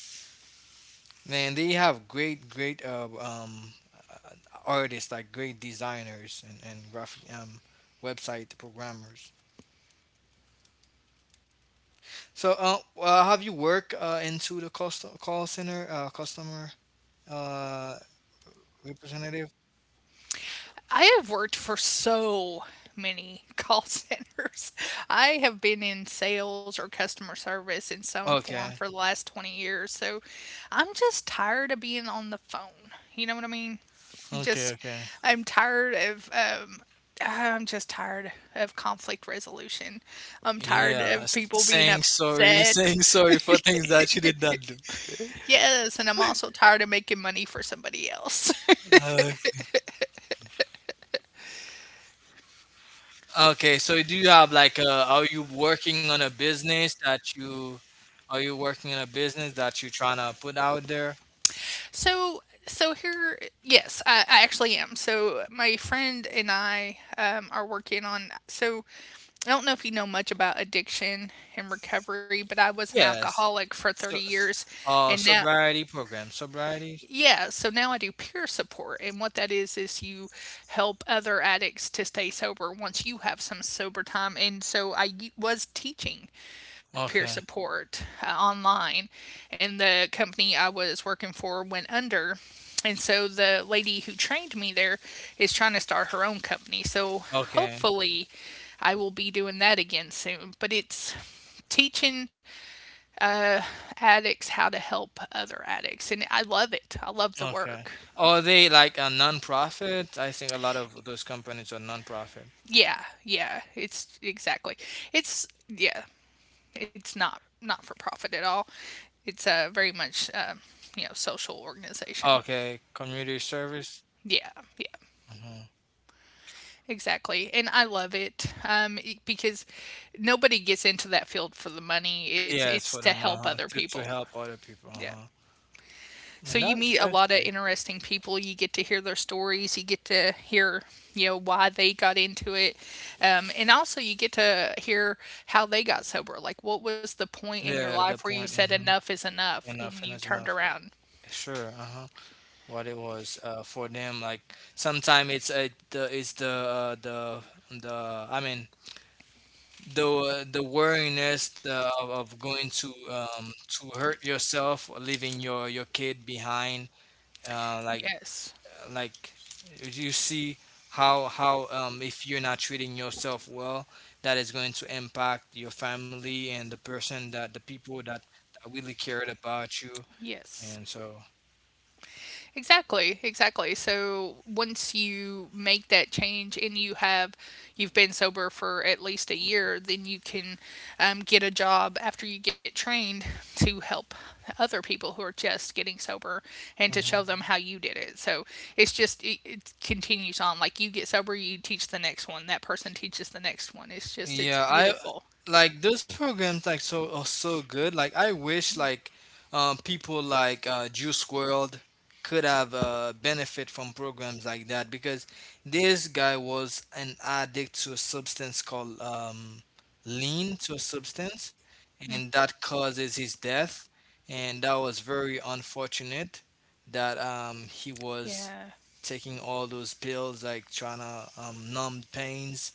man, they have great great uh, um uh, artists, like great designers, and and graphic, um website programmers. So, uh, uh, have you worked, uh, into the cost- call center, uh, customer, Uh, representative.
I have worked for so many call centers. I have been in sales or customer service in some form
Okay,
for the last twenty years. So I'm just tired of being on the phone. You know what I mean? I'm
okay,
just,
okay.
I'm tired of, um, I'm just tired of conflict resolution. I'm tired
Yeah,
of
s-
people being
saying sorry,
upset.
saying sorry for things that you did not do.
Yes. And I'm also tired of making money for somebody else.
Uh, okay, so do you have like, a, are you working on a business that you, are you working in a business that you're trying to put out there?
So, so, here, yes, I, I actually am. So, my friend and I um, are working on. So, I don't know if you know much about addiction and recovery, but I was an
Yes.
alcoholic for thirty
So, s-
years, and
uh,
now
sobriety program. Sobriety.
yeah, so now I do peer support, and what that is is you help other addicts to stay sober once you have some sober time. And so I y- was teaching peer
Okay,
support uh, online, and the company I was working for went under. And so the lady who trained me there is trying to start her own company. So
okay,
hopefully I will be doing that again soon. But it's teaching addicts how to help other addicts, and I love it. I love the
okay.
work.
Are they like a non-profit? I think a lot of those companies are non-profit.
Yeah, yeah, it's exactly. It's yeah, it's not not for profit at all. It's a very much um, you know social organization.
Okay, community service.
Yeah, yeah,
Hmm.
exactly. And I love it um, e- because nobody gets into that field for the money. It's
Yes,
it's
for
to
them,
help
uh-huh.
other
To to
people.
help other people,
Yeah.
uh-huh.
So
And
you
that's
meet a
that's
lot of
great.
interesting people. You get to hear their stories. You get to hear, you know, why they got into it, um, and also you get to hear how they got sober. Like, what was the point in
Yeah,
your
at that
life where
point.
you said
Hmm.
enough is enough
Enough
and
and
you
is
turned
enough.
around?
Sure, uh-huh. What it was, uh, for them, like sometimes it's, uh, the it's the, uh, the the I mean, the, uh, the wariness, the, of, of going to, um to hurt yourself, or leaving your your kid behind. Uh, like,
Yes,
like you see, how how, um, if you're not treating yourself well, that is going to impact your family and the person that the people that, that really cared about you,
yes.
and so.
Exactly, exactly. So once you make that change and you have you've been sober for at least a year, then you can um, get a job after you get trained to help other people who are just getting sober and to show them how you did it. So it's just it, it continues on. Like you get sober, you teach the next one. That person teaches the next one. It's just it's
Yeah, I
beautiful.
like those programs, like, so are so good. Like I wish, like, um, people like, uh, Juice World, could have uh, benefit from programs like that, because this guy was an addict to a substance called, um, lean, to a substance, and that causes his death. And that was very unfortunate that, um, he was
Yeah.
taking all those pills, like trying to, um, numb pains,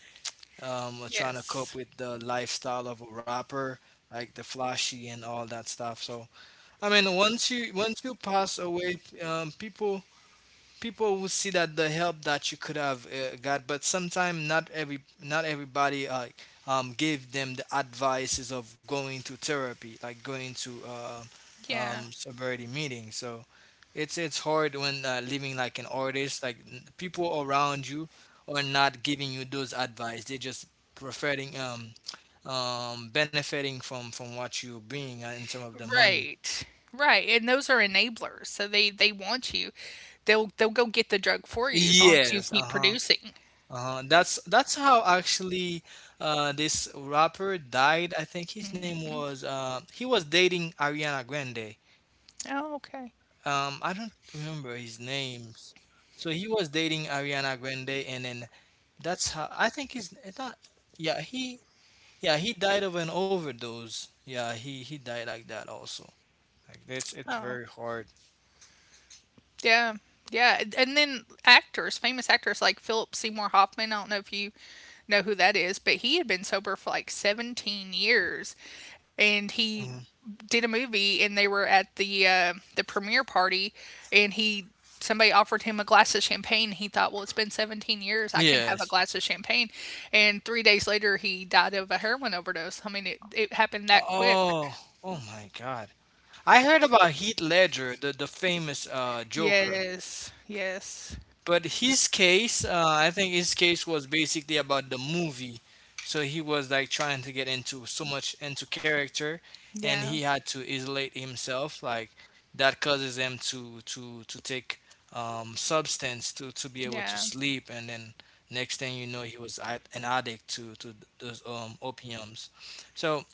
um, uh, trying to cope
Yes.
with the lifestyle of a rapper, like the flashy and all that stuff. So I mean, once you once you pass away, um, people people will see that the help that you could have, uh, got. But sometimes not every not everybody, uh, um, give them the advices of going to therapy, like going to, uh,
Yeah.
um, sobriety meeting. So it's it's hard when, uh, living like an artist, like, n- people around you are not giving you those advice. They're just profiting, um um benefiting from from what you're being, uh, in terms of the money.
Right. Right, and those are enablers, so they they want you. They'll they'll go get the drug for you as long as you
Yes,
keep
uh-huh.
producing.
Uh-huh. That's that's how, actually, uh, this rapper died. I think his name was, uh, he was dating Ariana Grande.
Oh, okay.
Um, I don't remember his name. So he was dating Ariana Grande, and then, that's how, I think he's it's not. Yeah, he yeah he died of an overdose. Yeah, he he died like that also. Like it's it's
Oh.
very hard.
Yeah. Yeah. And and then actors, famous actors like Philip Seymour Hoffman, I don't know if you know who that is, but he had been sober for like seventeen years and he
Mhm.
did a movie and they were at the uh, the premiere party and he somebody offered him a glass of champagne. He thought, well, it's been seventeen years, I can have a
Yes.
glass of champagne. And three days later he died of a heroin overdose. I mean it, it happened that quick.
Oh, oh my God! I heard about Heath Ledger, the the famous uh Joker.
Yes, yes.
But his case, uh, I think his case was basically about the movie. So he was, like, trying to get into so much into character, and
Yeah,
he had to isolate himself. Like that causes him to to to take, um, substance, to to be able to
yeah,
sleep, and then next thing you know, he was ad- an addict to to those, um, opiums. So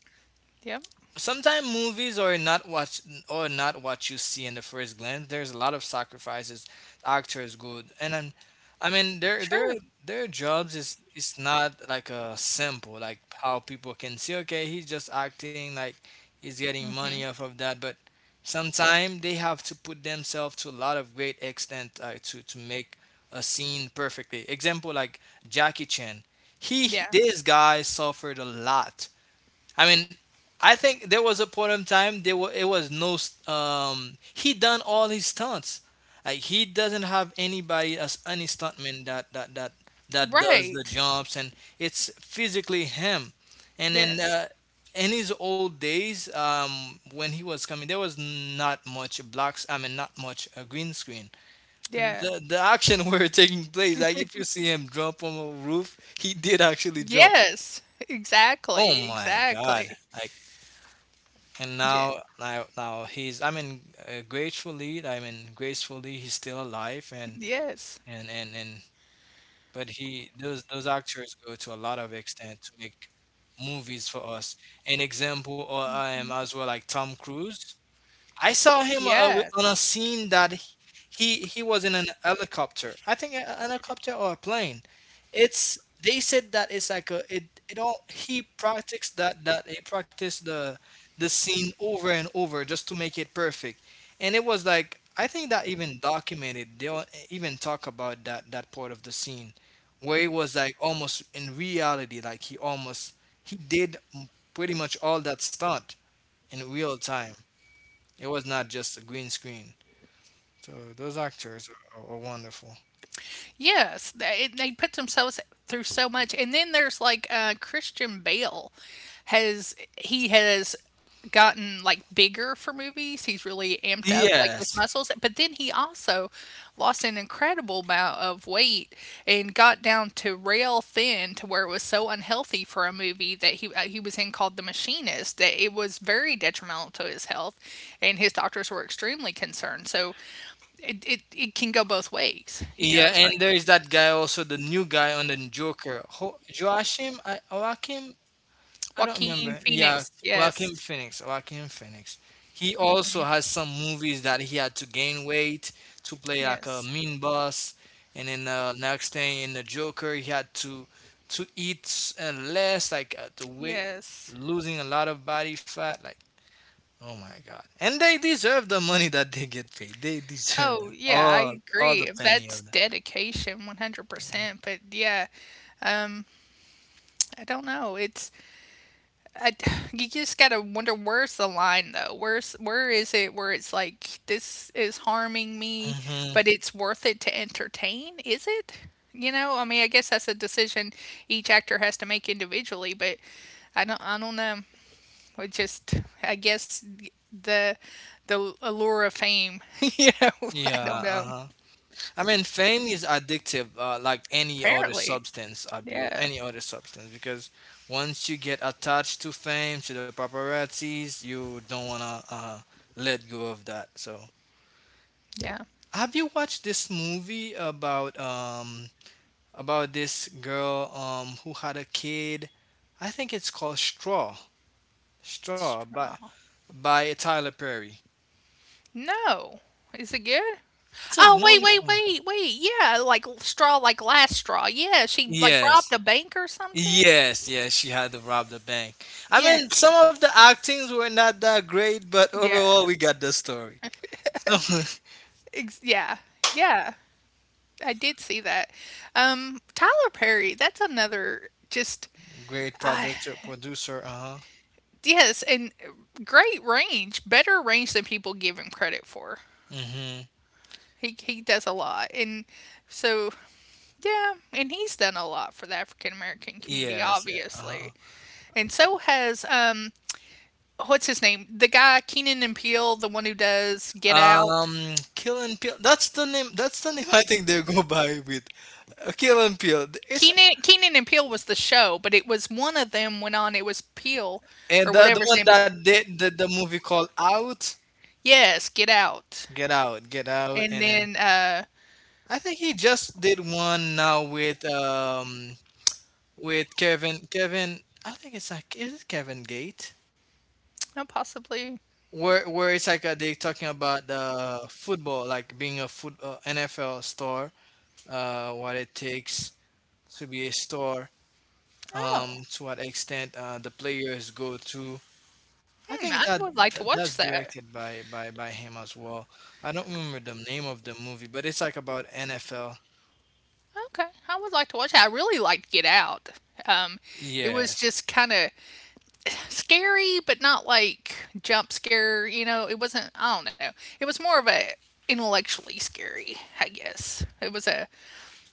yep.
sometimes movies are not what or not what you see in the first glance. There's a lot of sacrifices actors go, and then, I mean their their
True.
their jobs is, it's not like a simple, like how people can see. Okay, he's just acting, like he's getting money
Mhm.
off of that, but sometimes they have to put themselves to a lot of great extent, uh, to to make a scene perfectly. Example, like Jackie Chan. He
Yeah.
This guy suffered a lot, I mean, I think there was a point in time, there was it was no, st- um he done all his stunts. Like he doesn't have anybody as any stuntman that that that that does the
Right.
jumps, and it's physically him. And then, uh,
Yes.
in his old days, um, when he was coming, there was not much blacks. I mean, not much, uh, green screen.
Yeah.
The the action were taking place. Like if you see him jump on a roof, he did actually jump.
Yes.
Oh
Exactly.
my God!
Exactly.
Like, and
Yeah.
now, now now he's, i mean uh, gratefully, I mean, gracefully, he's still alive, and
Yes.
and and and, but he those those actors go to a lot of extent to make movies for us. An example, or I am as well, like Tom Cruise. I saw him, uh, wi- on a
Yes.
scene that h- he he was in an helicopter. I think a a helicopter or a plane. It's, they said that it's like a, it it all he practiced, that that he practiced the the scene over and over, just to make it perfect. And it was like, I think that even documented. They all- even talk about that that part of the scene, where it was like almost in reality, like he almost he did pretty much all that stunt in real time. It was not just a green screen. So those actors are, are wonderful.
Yes, they, they put themselves through so much, and then there's like uh, Christian Bale has he has gotten like bigger for movies. He's really amped up like his
Yes.
muscles, but then he also lost an incredible amount of weight and got down to rail thin to where it was so unhealthy for a movie that he uh, he was in called The Machinist that it was very detrimental to his health, and his doctors were extremely concerned. So it it, it can go both ways. You
Yeah,
know, it's
and
like
there is that guy also, the new guy on the Joker, Ho- Joachim, I, Joachim, I don't
Joaquin
remember. Yeah,
Phoenix,
Joachim
yes.
Phoenix, Joachim Phoenix. He also has some movies that he had to gain weight to play like a
Yes.
mean boss. And then, uh, next thing in the Joker, he had to to eat, uh, less, like, uh, to weight,
Yes.
losing a lot of body fat. Like, oh my God. And they deserve the money that they get paid. They deserve
Oh,
that.
yeah, I
All, all the
agree.
penny
That's
of that.
dedication one hundred percent, but yeah, um, I don't know. It's I you just gotta wonder, where's the line though? Where's where is it where it's like, this is harming me,
Hmm.
but it's worth it to entertain? Is it? You know, I mean, I guess that's a decision each actor has to make individually, but I don't I don't know. It just, I guess, the the allure of fame. You know, I
Yeah.
don't
Uh
know.
huh. I mean, fame is addictive, uh, like any other
Apparently,
substance abuse,
yeah,
any other substance, because once you get attached to fame, to the paparazzis, you don't wanna, uh, let go of that. So,
yeah,
have you watched this movie about, um about this girl, um who had a kid? I think it's called Straw. Straw, but
straw.
by Tyler Perry.
No, is it good?
It's a
Oh, wait, wait,
wonderful.
wait, wait. Yeah, like straw, like last straw. Yeah, she like robbed
Yes.
a bank or something.
Yes, yes, she had to rob the bank. I mean,
Yes.
some of the actings were not that great, but
Yeah.
overall, we got the story. So,
Ex- yeah. Yeah. I did see that. Um, Tyler Perry, that's another just
great producer, producer, uh huh.
yes, and great range, better range than people give him credit for.
Mm-hmm.
He he does a lot, and so yeah, and he's done a lot for the African American community,
Yes, yeah, uh-huh.
obviously, and so has um what's his name, the guy Keenan and Peele, the one who does Get Out.
Um, Kill and Peel. That's the name. That's the name. I think they go by with, uh, Kill and Peel. It's,
Keenan Keenan and Peele was the show, but it was one of them went on. It was Peele
and
or
the, the
whatever his
one
name is.
that did the, the movie called Out.
Yes, Get Out,
Get out, get out,
and
and then
then uh,
I think he just did one now with um with Kevin Kevin, I think it's like, is it Kevin Gate,
oh, possibly
where where it's like uh, they talking about the football, like being a foot uh, N F L star, uh what it takes to be a star, um
oh,
to what extent uh the players go through. I think
hmm, I
that
would like to
that- that's
watch that.
directed by by by him as well. I don't remember the name of the movie, but it's like about N F L.
Okay, I would like to watch it. I really liked Get Out. Um, it was
Yes.
just kind of scary, but not like jump scare, you know. It wasn't, I don't know. It was more of a intellectually scary, I guess. It was a,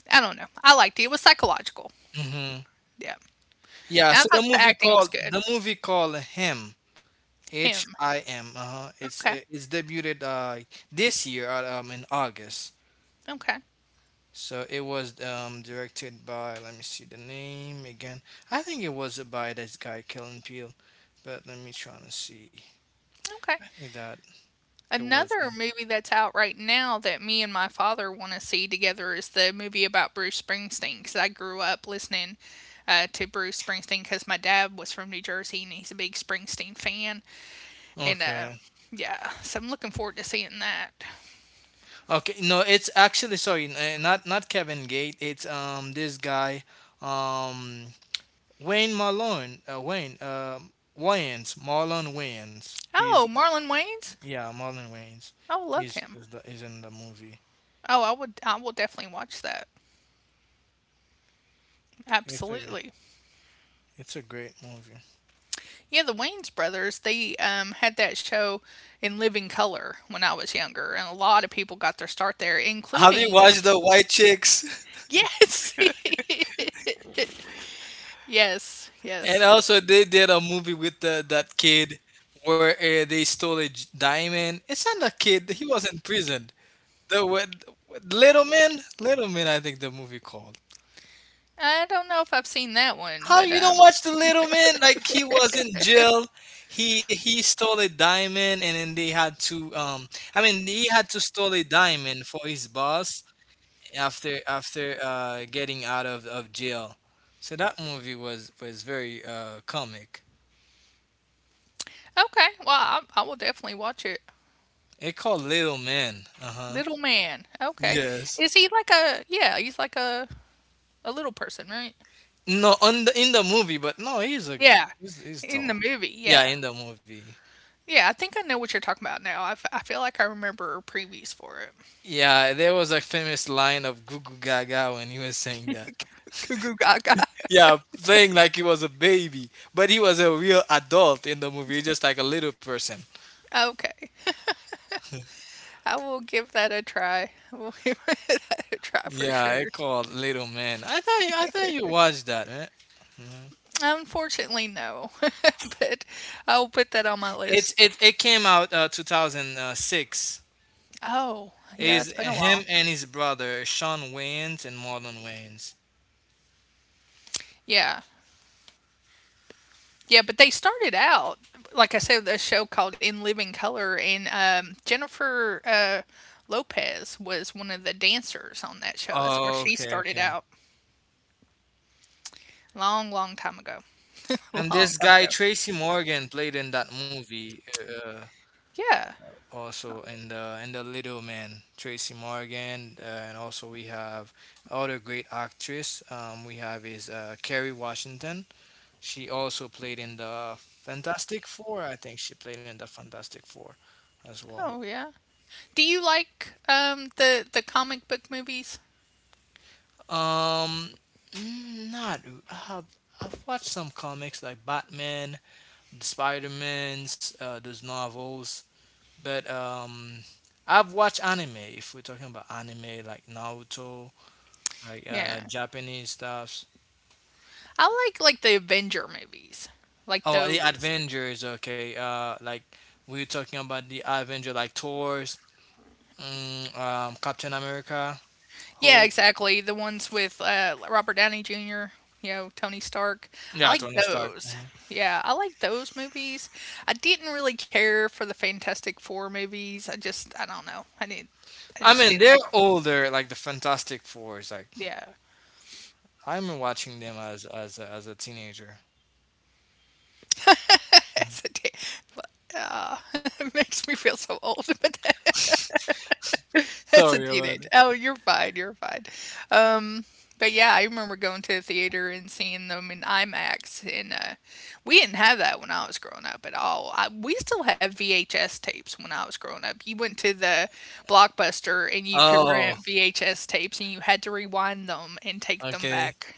I don't know. I liked it. It was psychological.
Hmm.
Yeah.
Yeah,
And I
so the
thought the
movie
acting was
called
good.
the movie called Him, H
Him.
I M. Uh-huh. It's uh,
Okay.
it's debuted uh this year, uh, um in August.
Okay.
So it was um directed by, let me see the name again. I think it was by this guy Kellen Peele, but let me try to see.
Okay.
I think that it was
Another
him.
movie that's out right now that me and my father want to see together is the movie about Bruce Springsteen because I grew up listening uh, to Bruce Springsteen because my dad was from New Jersey and he's a big Springsteen fan. And uh,
Okay.
yeah, so I'm looking forward to seeing that.
Okay. No, it's actually sorry, n- uh, not not Kevin Gate. It's um this guy. Um. Wayne Marlon, uh, Wayne, uh, Wayans, Marlon Wayans. He's
Oh, Marlon Wayans.
yeah, Marlon Wayans.
I love
He's
him.
is, the, is in the movie.
Oh, I would. I will definitely watch that.
It's a
Absolutely.
it's a great movie.
Yeah, the Wayans brothers. They um, had that show In Living Color when I was younger, and a lot of people got their start there,
Have you
including
watched the White Chicks?
yes, yes,
And
yes.
also, they did a movie with the, that kid, where uh, they stole a j- diamond. It's not a kid; he was in prison. The what, Little Man, Little Man, I think the movie called.
I don't know if I've seen that one,
How
but
you don't
um,
watch The Little Man? Like he was in jail. He he stole a diamond, and then they had to. Um, I mean, he had to stole a diamond for his boss after after uh getting out of of jail. So that movie was was very uh comic.
okay. Well, I, I will definitely watch it.
It called Little Man. Uh huh.
Little man. Okay.
Yes.
Is he like a, yeah, he's like a, a little person, right?
No, on the, in the movie, but no, he's a
Yeah,
he's, he's
in the
tall.
movie,
Yeah,
yeah.
in the movie.
Yeah, I think I know what you're talking about now. I, f I feel like I remember previews for it.
Yeah, there was a famous line of Goo Goo Gaga when he was saying.
Goo Goo Gaga.
Yeah, playing like he was a baby, but he was a real adult in the movie, just like a little person.
Okay, I will give that a try. I will give that a try for
Yeah, it
sure.
called Little Man. I thought you, I thought you watched that, man. Mhm.
Unfortunately, no, but I'll put that on my
It's
list.
it it came out uh, two thousand six.
Oh, yeah, it's
Is
been a while.
him and his brother Sean Wayans and Marlon Wayans.
Yeah. Yeah, but they started out, like I said, the show called In Living Color, and um, Jennifer uh, Lopez was one of the dancers on that show. That's where
Oh,
she
okay,
started
okay.
out. Long, long time ago.
And
Long
this
time
guy
ago.
Tracy Morgan played in that movie. Uh,
Yeah.
also, and uh, and the little man Tracy Morgan, uh, and also we have other great actress, um, we have is uh, Kerry Washington. She also played in the Fantastic Four. I think she played in the Fantastic Four as well
Oh, yeah. Do you like um the the comic book movies?
um mm, not. I've, I've watched some comics like Batman, the Spider-Man's, uh, those novels, but um I've watched anime, if we're talking about anime like Naruto, like uh
Yeah.
Japanese stuffs.
I like like the Avenger movies. Like
Oh, the
those.
Avengers. Okay, uh, like we were talking about the Avenger, like Thor's, mm, um, Captain America,
Yeah,
Hulk.
exactly. The ones with uh Robert Downey Junior, you know, Tony Stark. I
Yeah,
like
Tony Stark.
those.
Mhm.
Yeah, I like those movies. I didn't really care for the Fantastic Four movies. I just I don't know. I didn't I
I
just
mean,
didn't
they're
like them.
older, like the Fantastic Fours. Like
Yeah.
I remember watching them as as a, as a teenager.
As a da- Ah, it makes me feel so old. But. That's a
Sorry about
teenage
it.
Oh, you're fine, you're fine. Um, but yeah, I remember going to the theater and seeing them in IMAX, and uh, we didn't have that when I was growing up at all. I, we still have V H S tapes when I was growing up. You went to the Blockbuster and you could
Oh,
rent V H S tapes, and you had to rewind them and take them
okay.
back.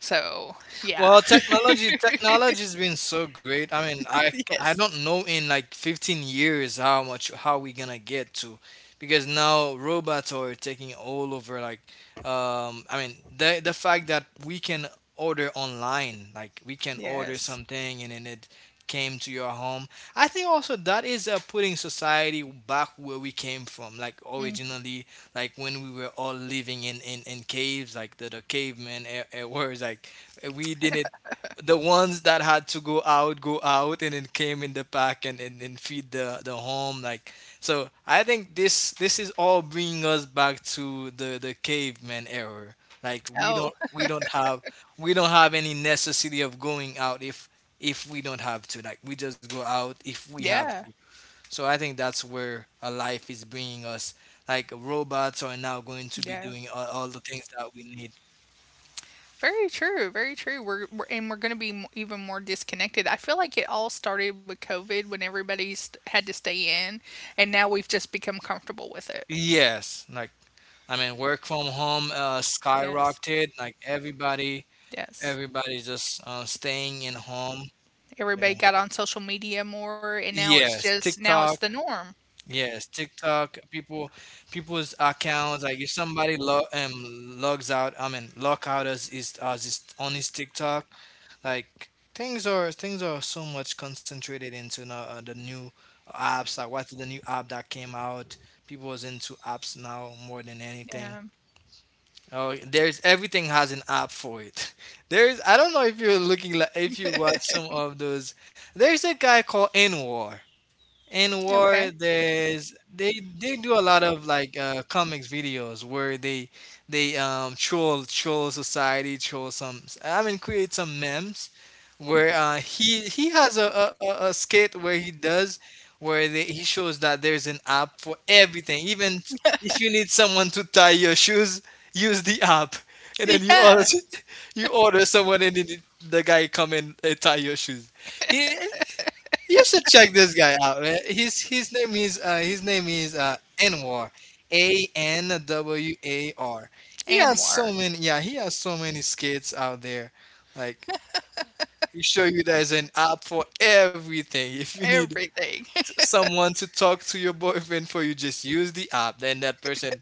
So yeah,
Well, technology technology's been so great. I mean, I I
yes,
don't know in like fifteen years how much how we gonna get to, because now robots are taking all over, like, um I mean, the the fact that we can order online, like we can order
yes.
something and then it came to your home. I think also that is, uh, putting society back where we came from, like
Mm.
originally, like when we were all living in in, in caves, like the, the cavemen e- e- were like, uh, We didn't. The ones that had to go out, go out, and it came in the pack and, and, and feed the, the home. Like, so I think this this is all bringing us back to the the caveman era. Like we
Oh,
don't we don't have, we don't have any necessity of going out if if we don't have to. Like we just go out if we have
yeah,
to. So I think that's where a life is bringing us. Like robots are now going to be
yeah.
doing all, all the things that we need.
Very true, very true. We're, we're and we're going to be m- even more disconnected. I feel like it all started with COVID when everybody st- had to stay in, and now we've just become comfortable with it.
Yes, like, I mean, work from home, uh,
Yes,
skyrocketed. Like everybody,
yes.
everybody just, uh, staying in home. Yeah.
Everybody got on social media more, and now it's
Yes,
just now it's
TikTok.
the norm.
Yes, TikTok. People, people's accounts. Like if somebody log um logs out, I mean, log out as is as is on his TikTok. Like things are things are so much concentrated into now, uh, the new apps. Like what's the new app that came out? People is into apps now more than anything.
Yeah.
Oh, there's, everything has an app for it. There's, I don't know if you're looking like, if you watch some of those. There's a guy called Anwar. In
Okay.
war there's they they do a lot of like uh comics videos where they they um troll troll society, troll some I mean create some memes where, uh he he has a a, a a skit where he does, where they, he shows that there's an app for everything, even if you need someone to tie your shoes, use the app, and then you order.
Yeah.
You order someone, and then the the guy come and, uh, tie your shoes. He You should check this guy out, man. His his name is uh, his name is uh, Anwar, A N W A R. He
And
has so
more
many. Yeah, he has so many skits out there. Like he show you there's an app for everything. If you need, t-
everything.
someone to talk to your boyfriend for you, just use the app. Then that person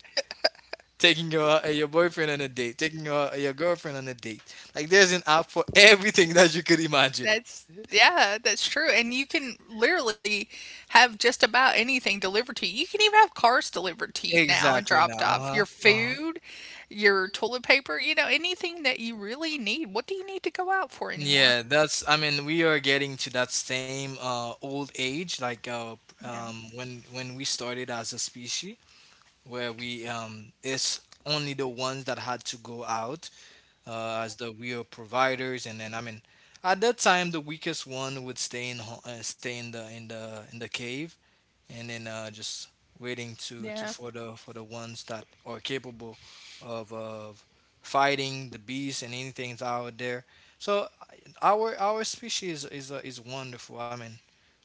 taking your, uh, your boyfriend on a date, taking your your girlfriend on a date. Like there's an app for everything, that you could imagine.
That's yeah, that's true. And you can literally have just about anything delivered to you. You can even have cars delivered to you now and
Exactly now.
dropped off.
Uh
Your
huh. Uh huh.
food, your toilet paper, you know, anything that you really need. What do you need to go out for anymore?
Yeah, that's, I mean, we are getting to that same, uh, old age, like, uh,
Yeah.
um, when when we started as a species, where we, um, it's only the ones that had to go out, uh, as the real providers, and then, I mean, at that time, the weakest one would stay in ho- uh, stay in the in the in the cave, and then, uh, just waiting to, to
Yeah.
for the, for the ones that are capable of of fighting the beast and anything that's out there. So our our species is, uh, is wonderful. I mean,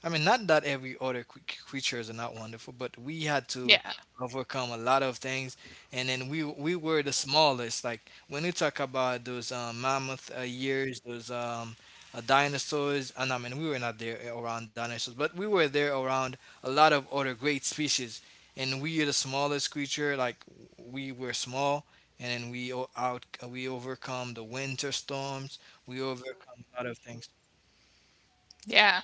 I mean not that every other cre- creatures are not wonderful, but we had to
Yeah.
overcome a lot of things, and then we we were the smallest. Like when you talk about those, um, mammoth, uh, years, those, um, uh, dinosaurs, and I mean we were not there around dinosaurs, but we were there around a lot of other great species, and we are the smallest creature. Like we were small, and then we o- out we overcome the winter storms. We overcome a lot of things.
Yeah.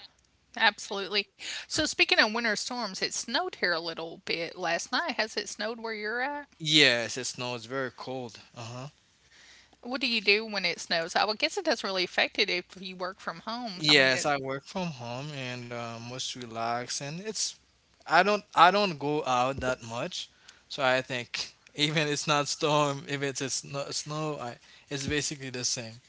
Absolutely. So speaking of winter storms, it snowed here a little bit last night. Has it snowed where you're at?
Yes, it snows. Very cold. Uh huh.
What do you do when it snows? I would guess it doesn't really affect it if you work from home. I mean,
Yes, I work from home and, uh, most relaxed, and it's, I don't, I don't go out that much, so I think even it's not storm, if it's a snow, snow, I, it's basically the same.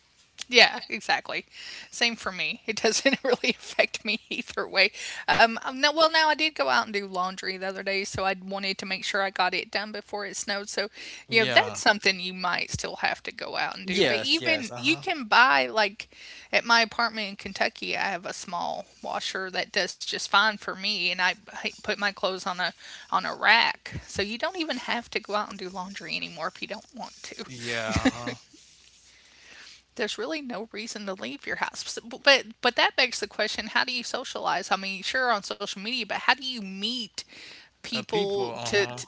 yeah, exactly. Same for me. It doesn't really affect me either way. Um, um, no, well, now I did go out and do laundry the other day, so I wanted to make sure I got it done before it snowed. So, you know,
Yeah.
that's something you might still have to go out and do. But
Yes. Yes.
even
Uh
you
huh.
can buy like at my apartment in Kentucky, I have a small washer that does just fine for me, and I I put my clothes on a on a rack. So you don't even have to go out and do laundry anymore if you don't want to
Yeah. Uh huh.
there's really no reason to leave your house. So- b- But but that begs the question, how do you socialize? I mean, sure on social media, but how do you meet
Uh, people,
people to,
uh-huh.
to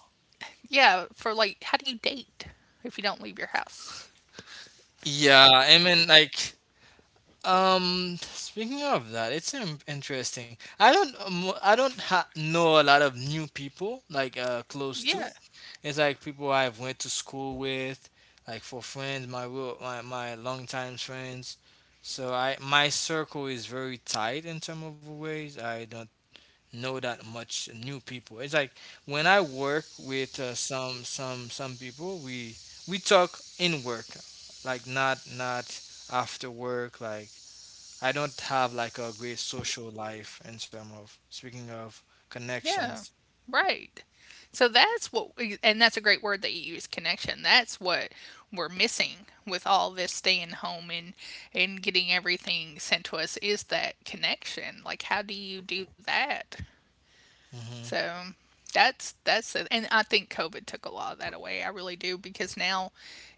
yeah, for like how do you date if you don't leave your house?
Yeah, I mean, like, um, speaking of that, it's in- interesting. I don't, um, I don't ha know a lot of new people like, uh close to.
Yeah.
It's like people I've went to school with, like for friends, my real, my, my longtime friends. So I, my circle is very tight in some of ways. I don't know that much new people. It's like when I work with, uh, some some some people, we we talk in work, like not, not after work. Like I don't have like a great social life in terms of speaking of
Yeah.
connections.
Right. So that's what we- and that's a great word that you use, connection. That's what we're missing with all this staying home and and getting everything sent to us is that connection. Like how do you do that?
Hmm.
So that's that's it. And I think COVID took a lot of that away. I really do because now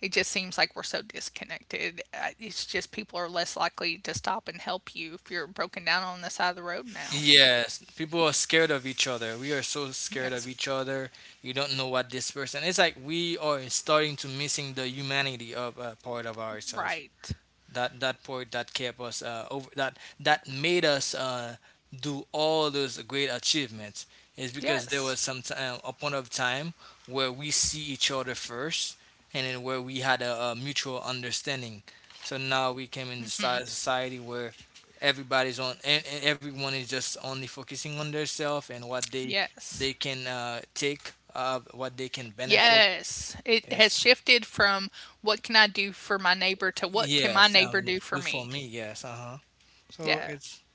it just seems like we're so disconnected. Uh, It's just people are less likely to stop and help you if you're broken down on the side of the road now.
Yes, people are scared of each other. We are so scared
Yes.
of each other. You don't know what this person. It's like we are starting to missing the humanity of, uh, part of ourselves,
Right.
that, that part that kept us, uh, over that, that made us, uh, do all those great achievements, is because there
Yes.
was some time, a point of time, where we see each other first, and then where we had a, a mutual understanding. So now we came in the soci- society where everybody's on, and everyone is just only focusing on themselves and what they
Yes.
they can, uh, take, uh, what they can benefit
Yes. It has
is.
shifted from what can I do for my neighbor to what can my
yes
neighbor
um, and
do
it-
for
do
me?
for me, yes, uh-huh, so
Yeah.
it's.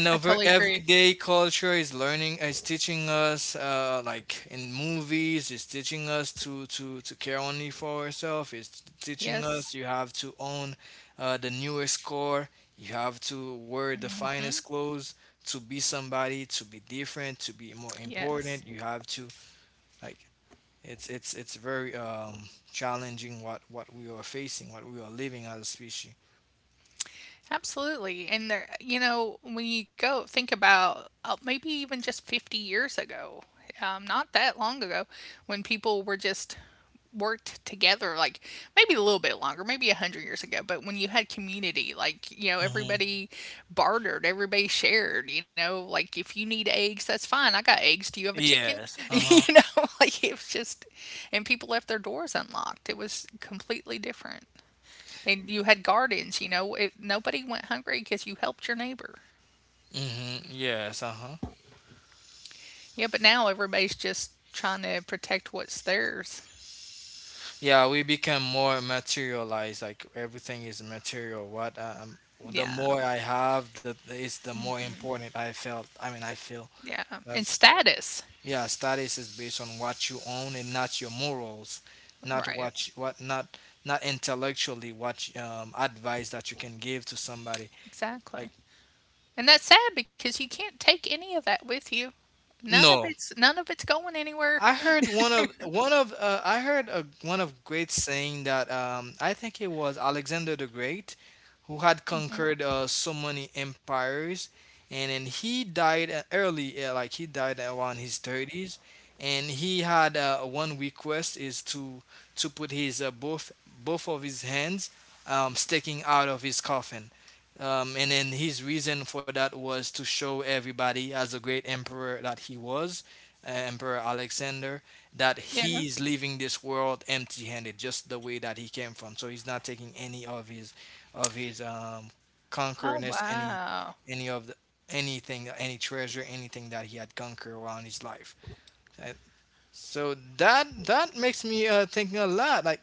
I totally
our
agree.
everyday culture is learning, is teaching us, uh, like in movies, is teaching us to to to care only for ourselves. It's teaching
Yes.
us you have to own, uh, the newest car. You have to wear the
Hmm.
finest clothes to be somebody, to be different, to be more
Yes.
important. You have to, like, it's it's it's very um challenging what what we are facing, what we are living as a species.
Absolutely. And there, you know, when you go think about uh, maybe even just fifty years ago, um, not that long ago, when people were just worked together, like maybe a little bit longer, maybe one hundred years ago, but when you had community, like, you know,
Hmm.
everybody bartered, everybody shared, you know, like if you need eggs, that's fine. I got eggs. Do you have a chicken?
Yes. Uh huh.
You know, like it was just, and people left their doors unlocked. It was completely different and you had gardens. You know, it, nobody went hungry because you helped your neighbor.
Hmm. Yes. Uh huh.
Yeah, but now everybody's just trying to protect what's theirs.
Yeah, we become more materialized. Like everything is material. What, um, the more
Yeah,
I have, the is the more important I felt. I mean, I feel
yeah, and
that's,
status.
yeah. Status is based on what you own and not your morals, not
Right,
what you- what not, not intellectually what, um, advice that you can give to somebody. Like,
exactly. And that's sad because you can't take any of that with you. None of
no,
it's none of it's going anywhere.
I heard one of one of uh, I heard a, one of great saying that, um, I think it was Alexander the Great, who had conquered, uh, so many empires, and then he died, uh, early, uh, like he died around his thirties, and he had, uh, one request, is to to put his, uh, both, both of his hands, um, sticking out of his coffin. Um, and then his reason for that was to show everybody, as a great emperor that he was, uh, Emperor Alexander, that
Yeah.
he is leaving this world empty handed, just the way that he came from. So he's not taking any of his, of his, um
Oh
conquerness, any
wow.
any of the, anything, that- any treasure, anything that he had conquered around his life. Uh, So that, that makes me, uh, thinking a lot. Like,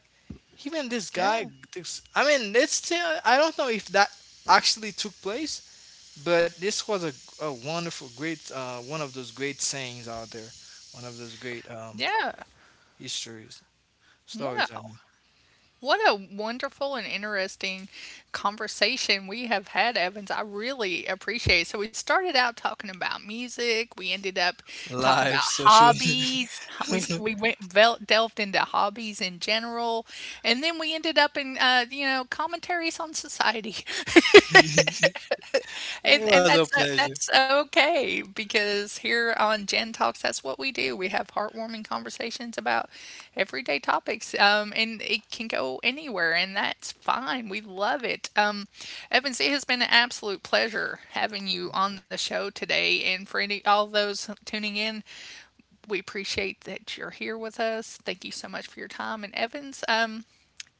even this guy,
Yeah.
this, I mean, it's still, I don't know if that actually took place, but this was a, a wonderful, great, uh, one of those great sayings out there, one of those great, um
Yeah.
histories, stories. I
Wow.
mean,
What a wonderful and interesting conversation we have had, Evans. I really appreciate it. So, we started out talking about music. We ended up talking
live
about
social.
hobbies. We, st-
It
we went vel- delved into hobbies in general. And then we ended up in, uh, you know, commentaries on society. And
was
and
a
that's uh,
pleasure.
that's okay because here on Gen Talks, that's what we do. We have heartwarming conversations about everyday topics, um, and it can go anywhere, and that's fine. We love it. Um, Evans, it has been an absolute pleasure having you on the show today, and for any all those tuning in, we appreciate that you're here with us. Thank you so much for your time, and Evans, um,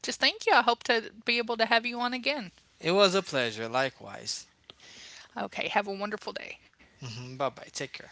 just thank you. I hope to be able to have you on again.
It was a pleasure, likewise.
Okay, have a wonderful day.
Bye bye. Take care.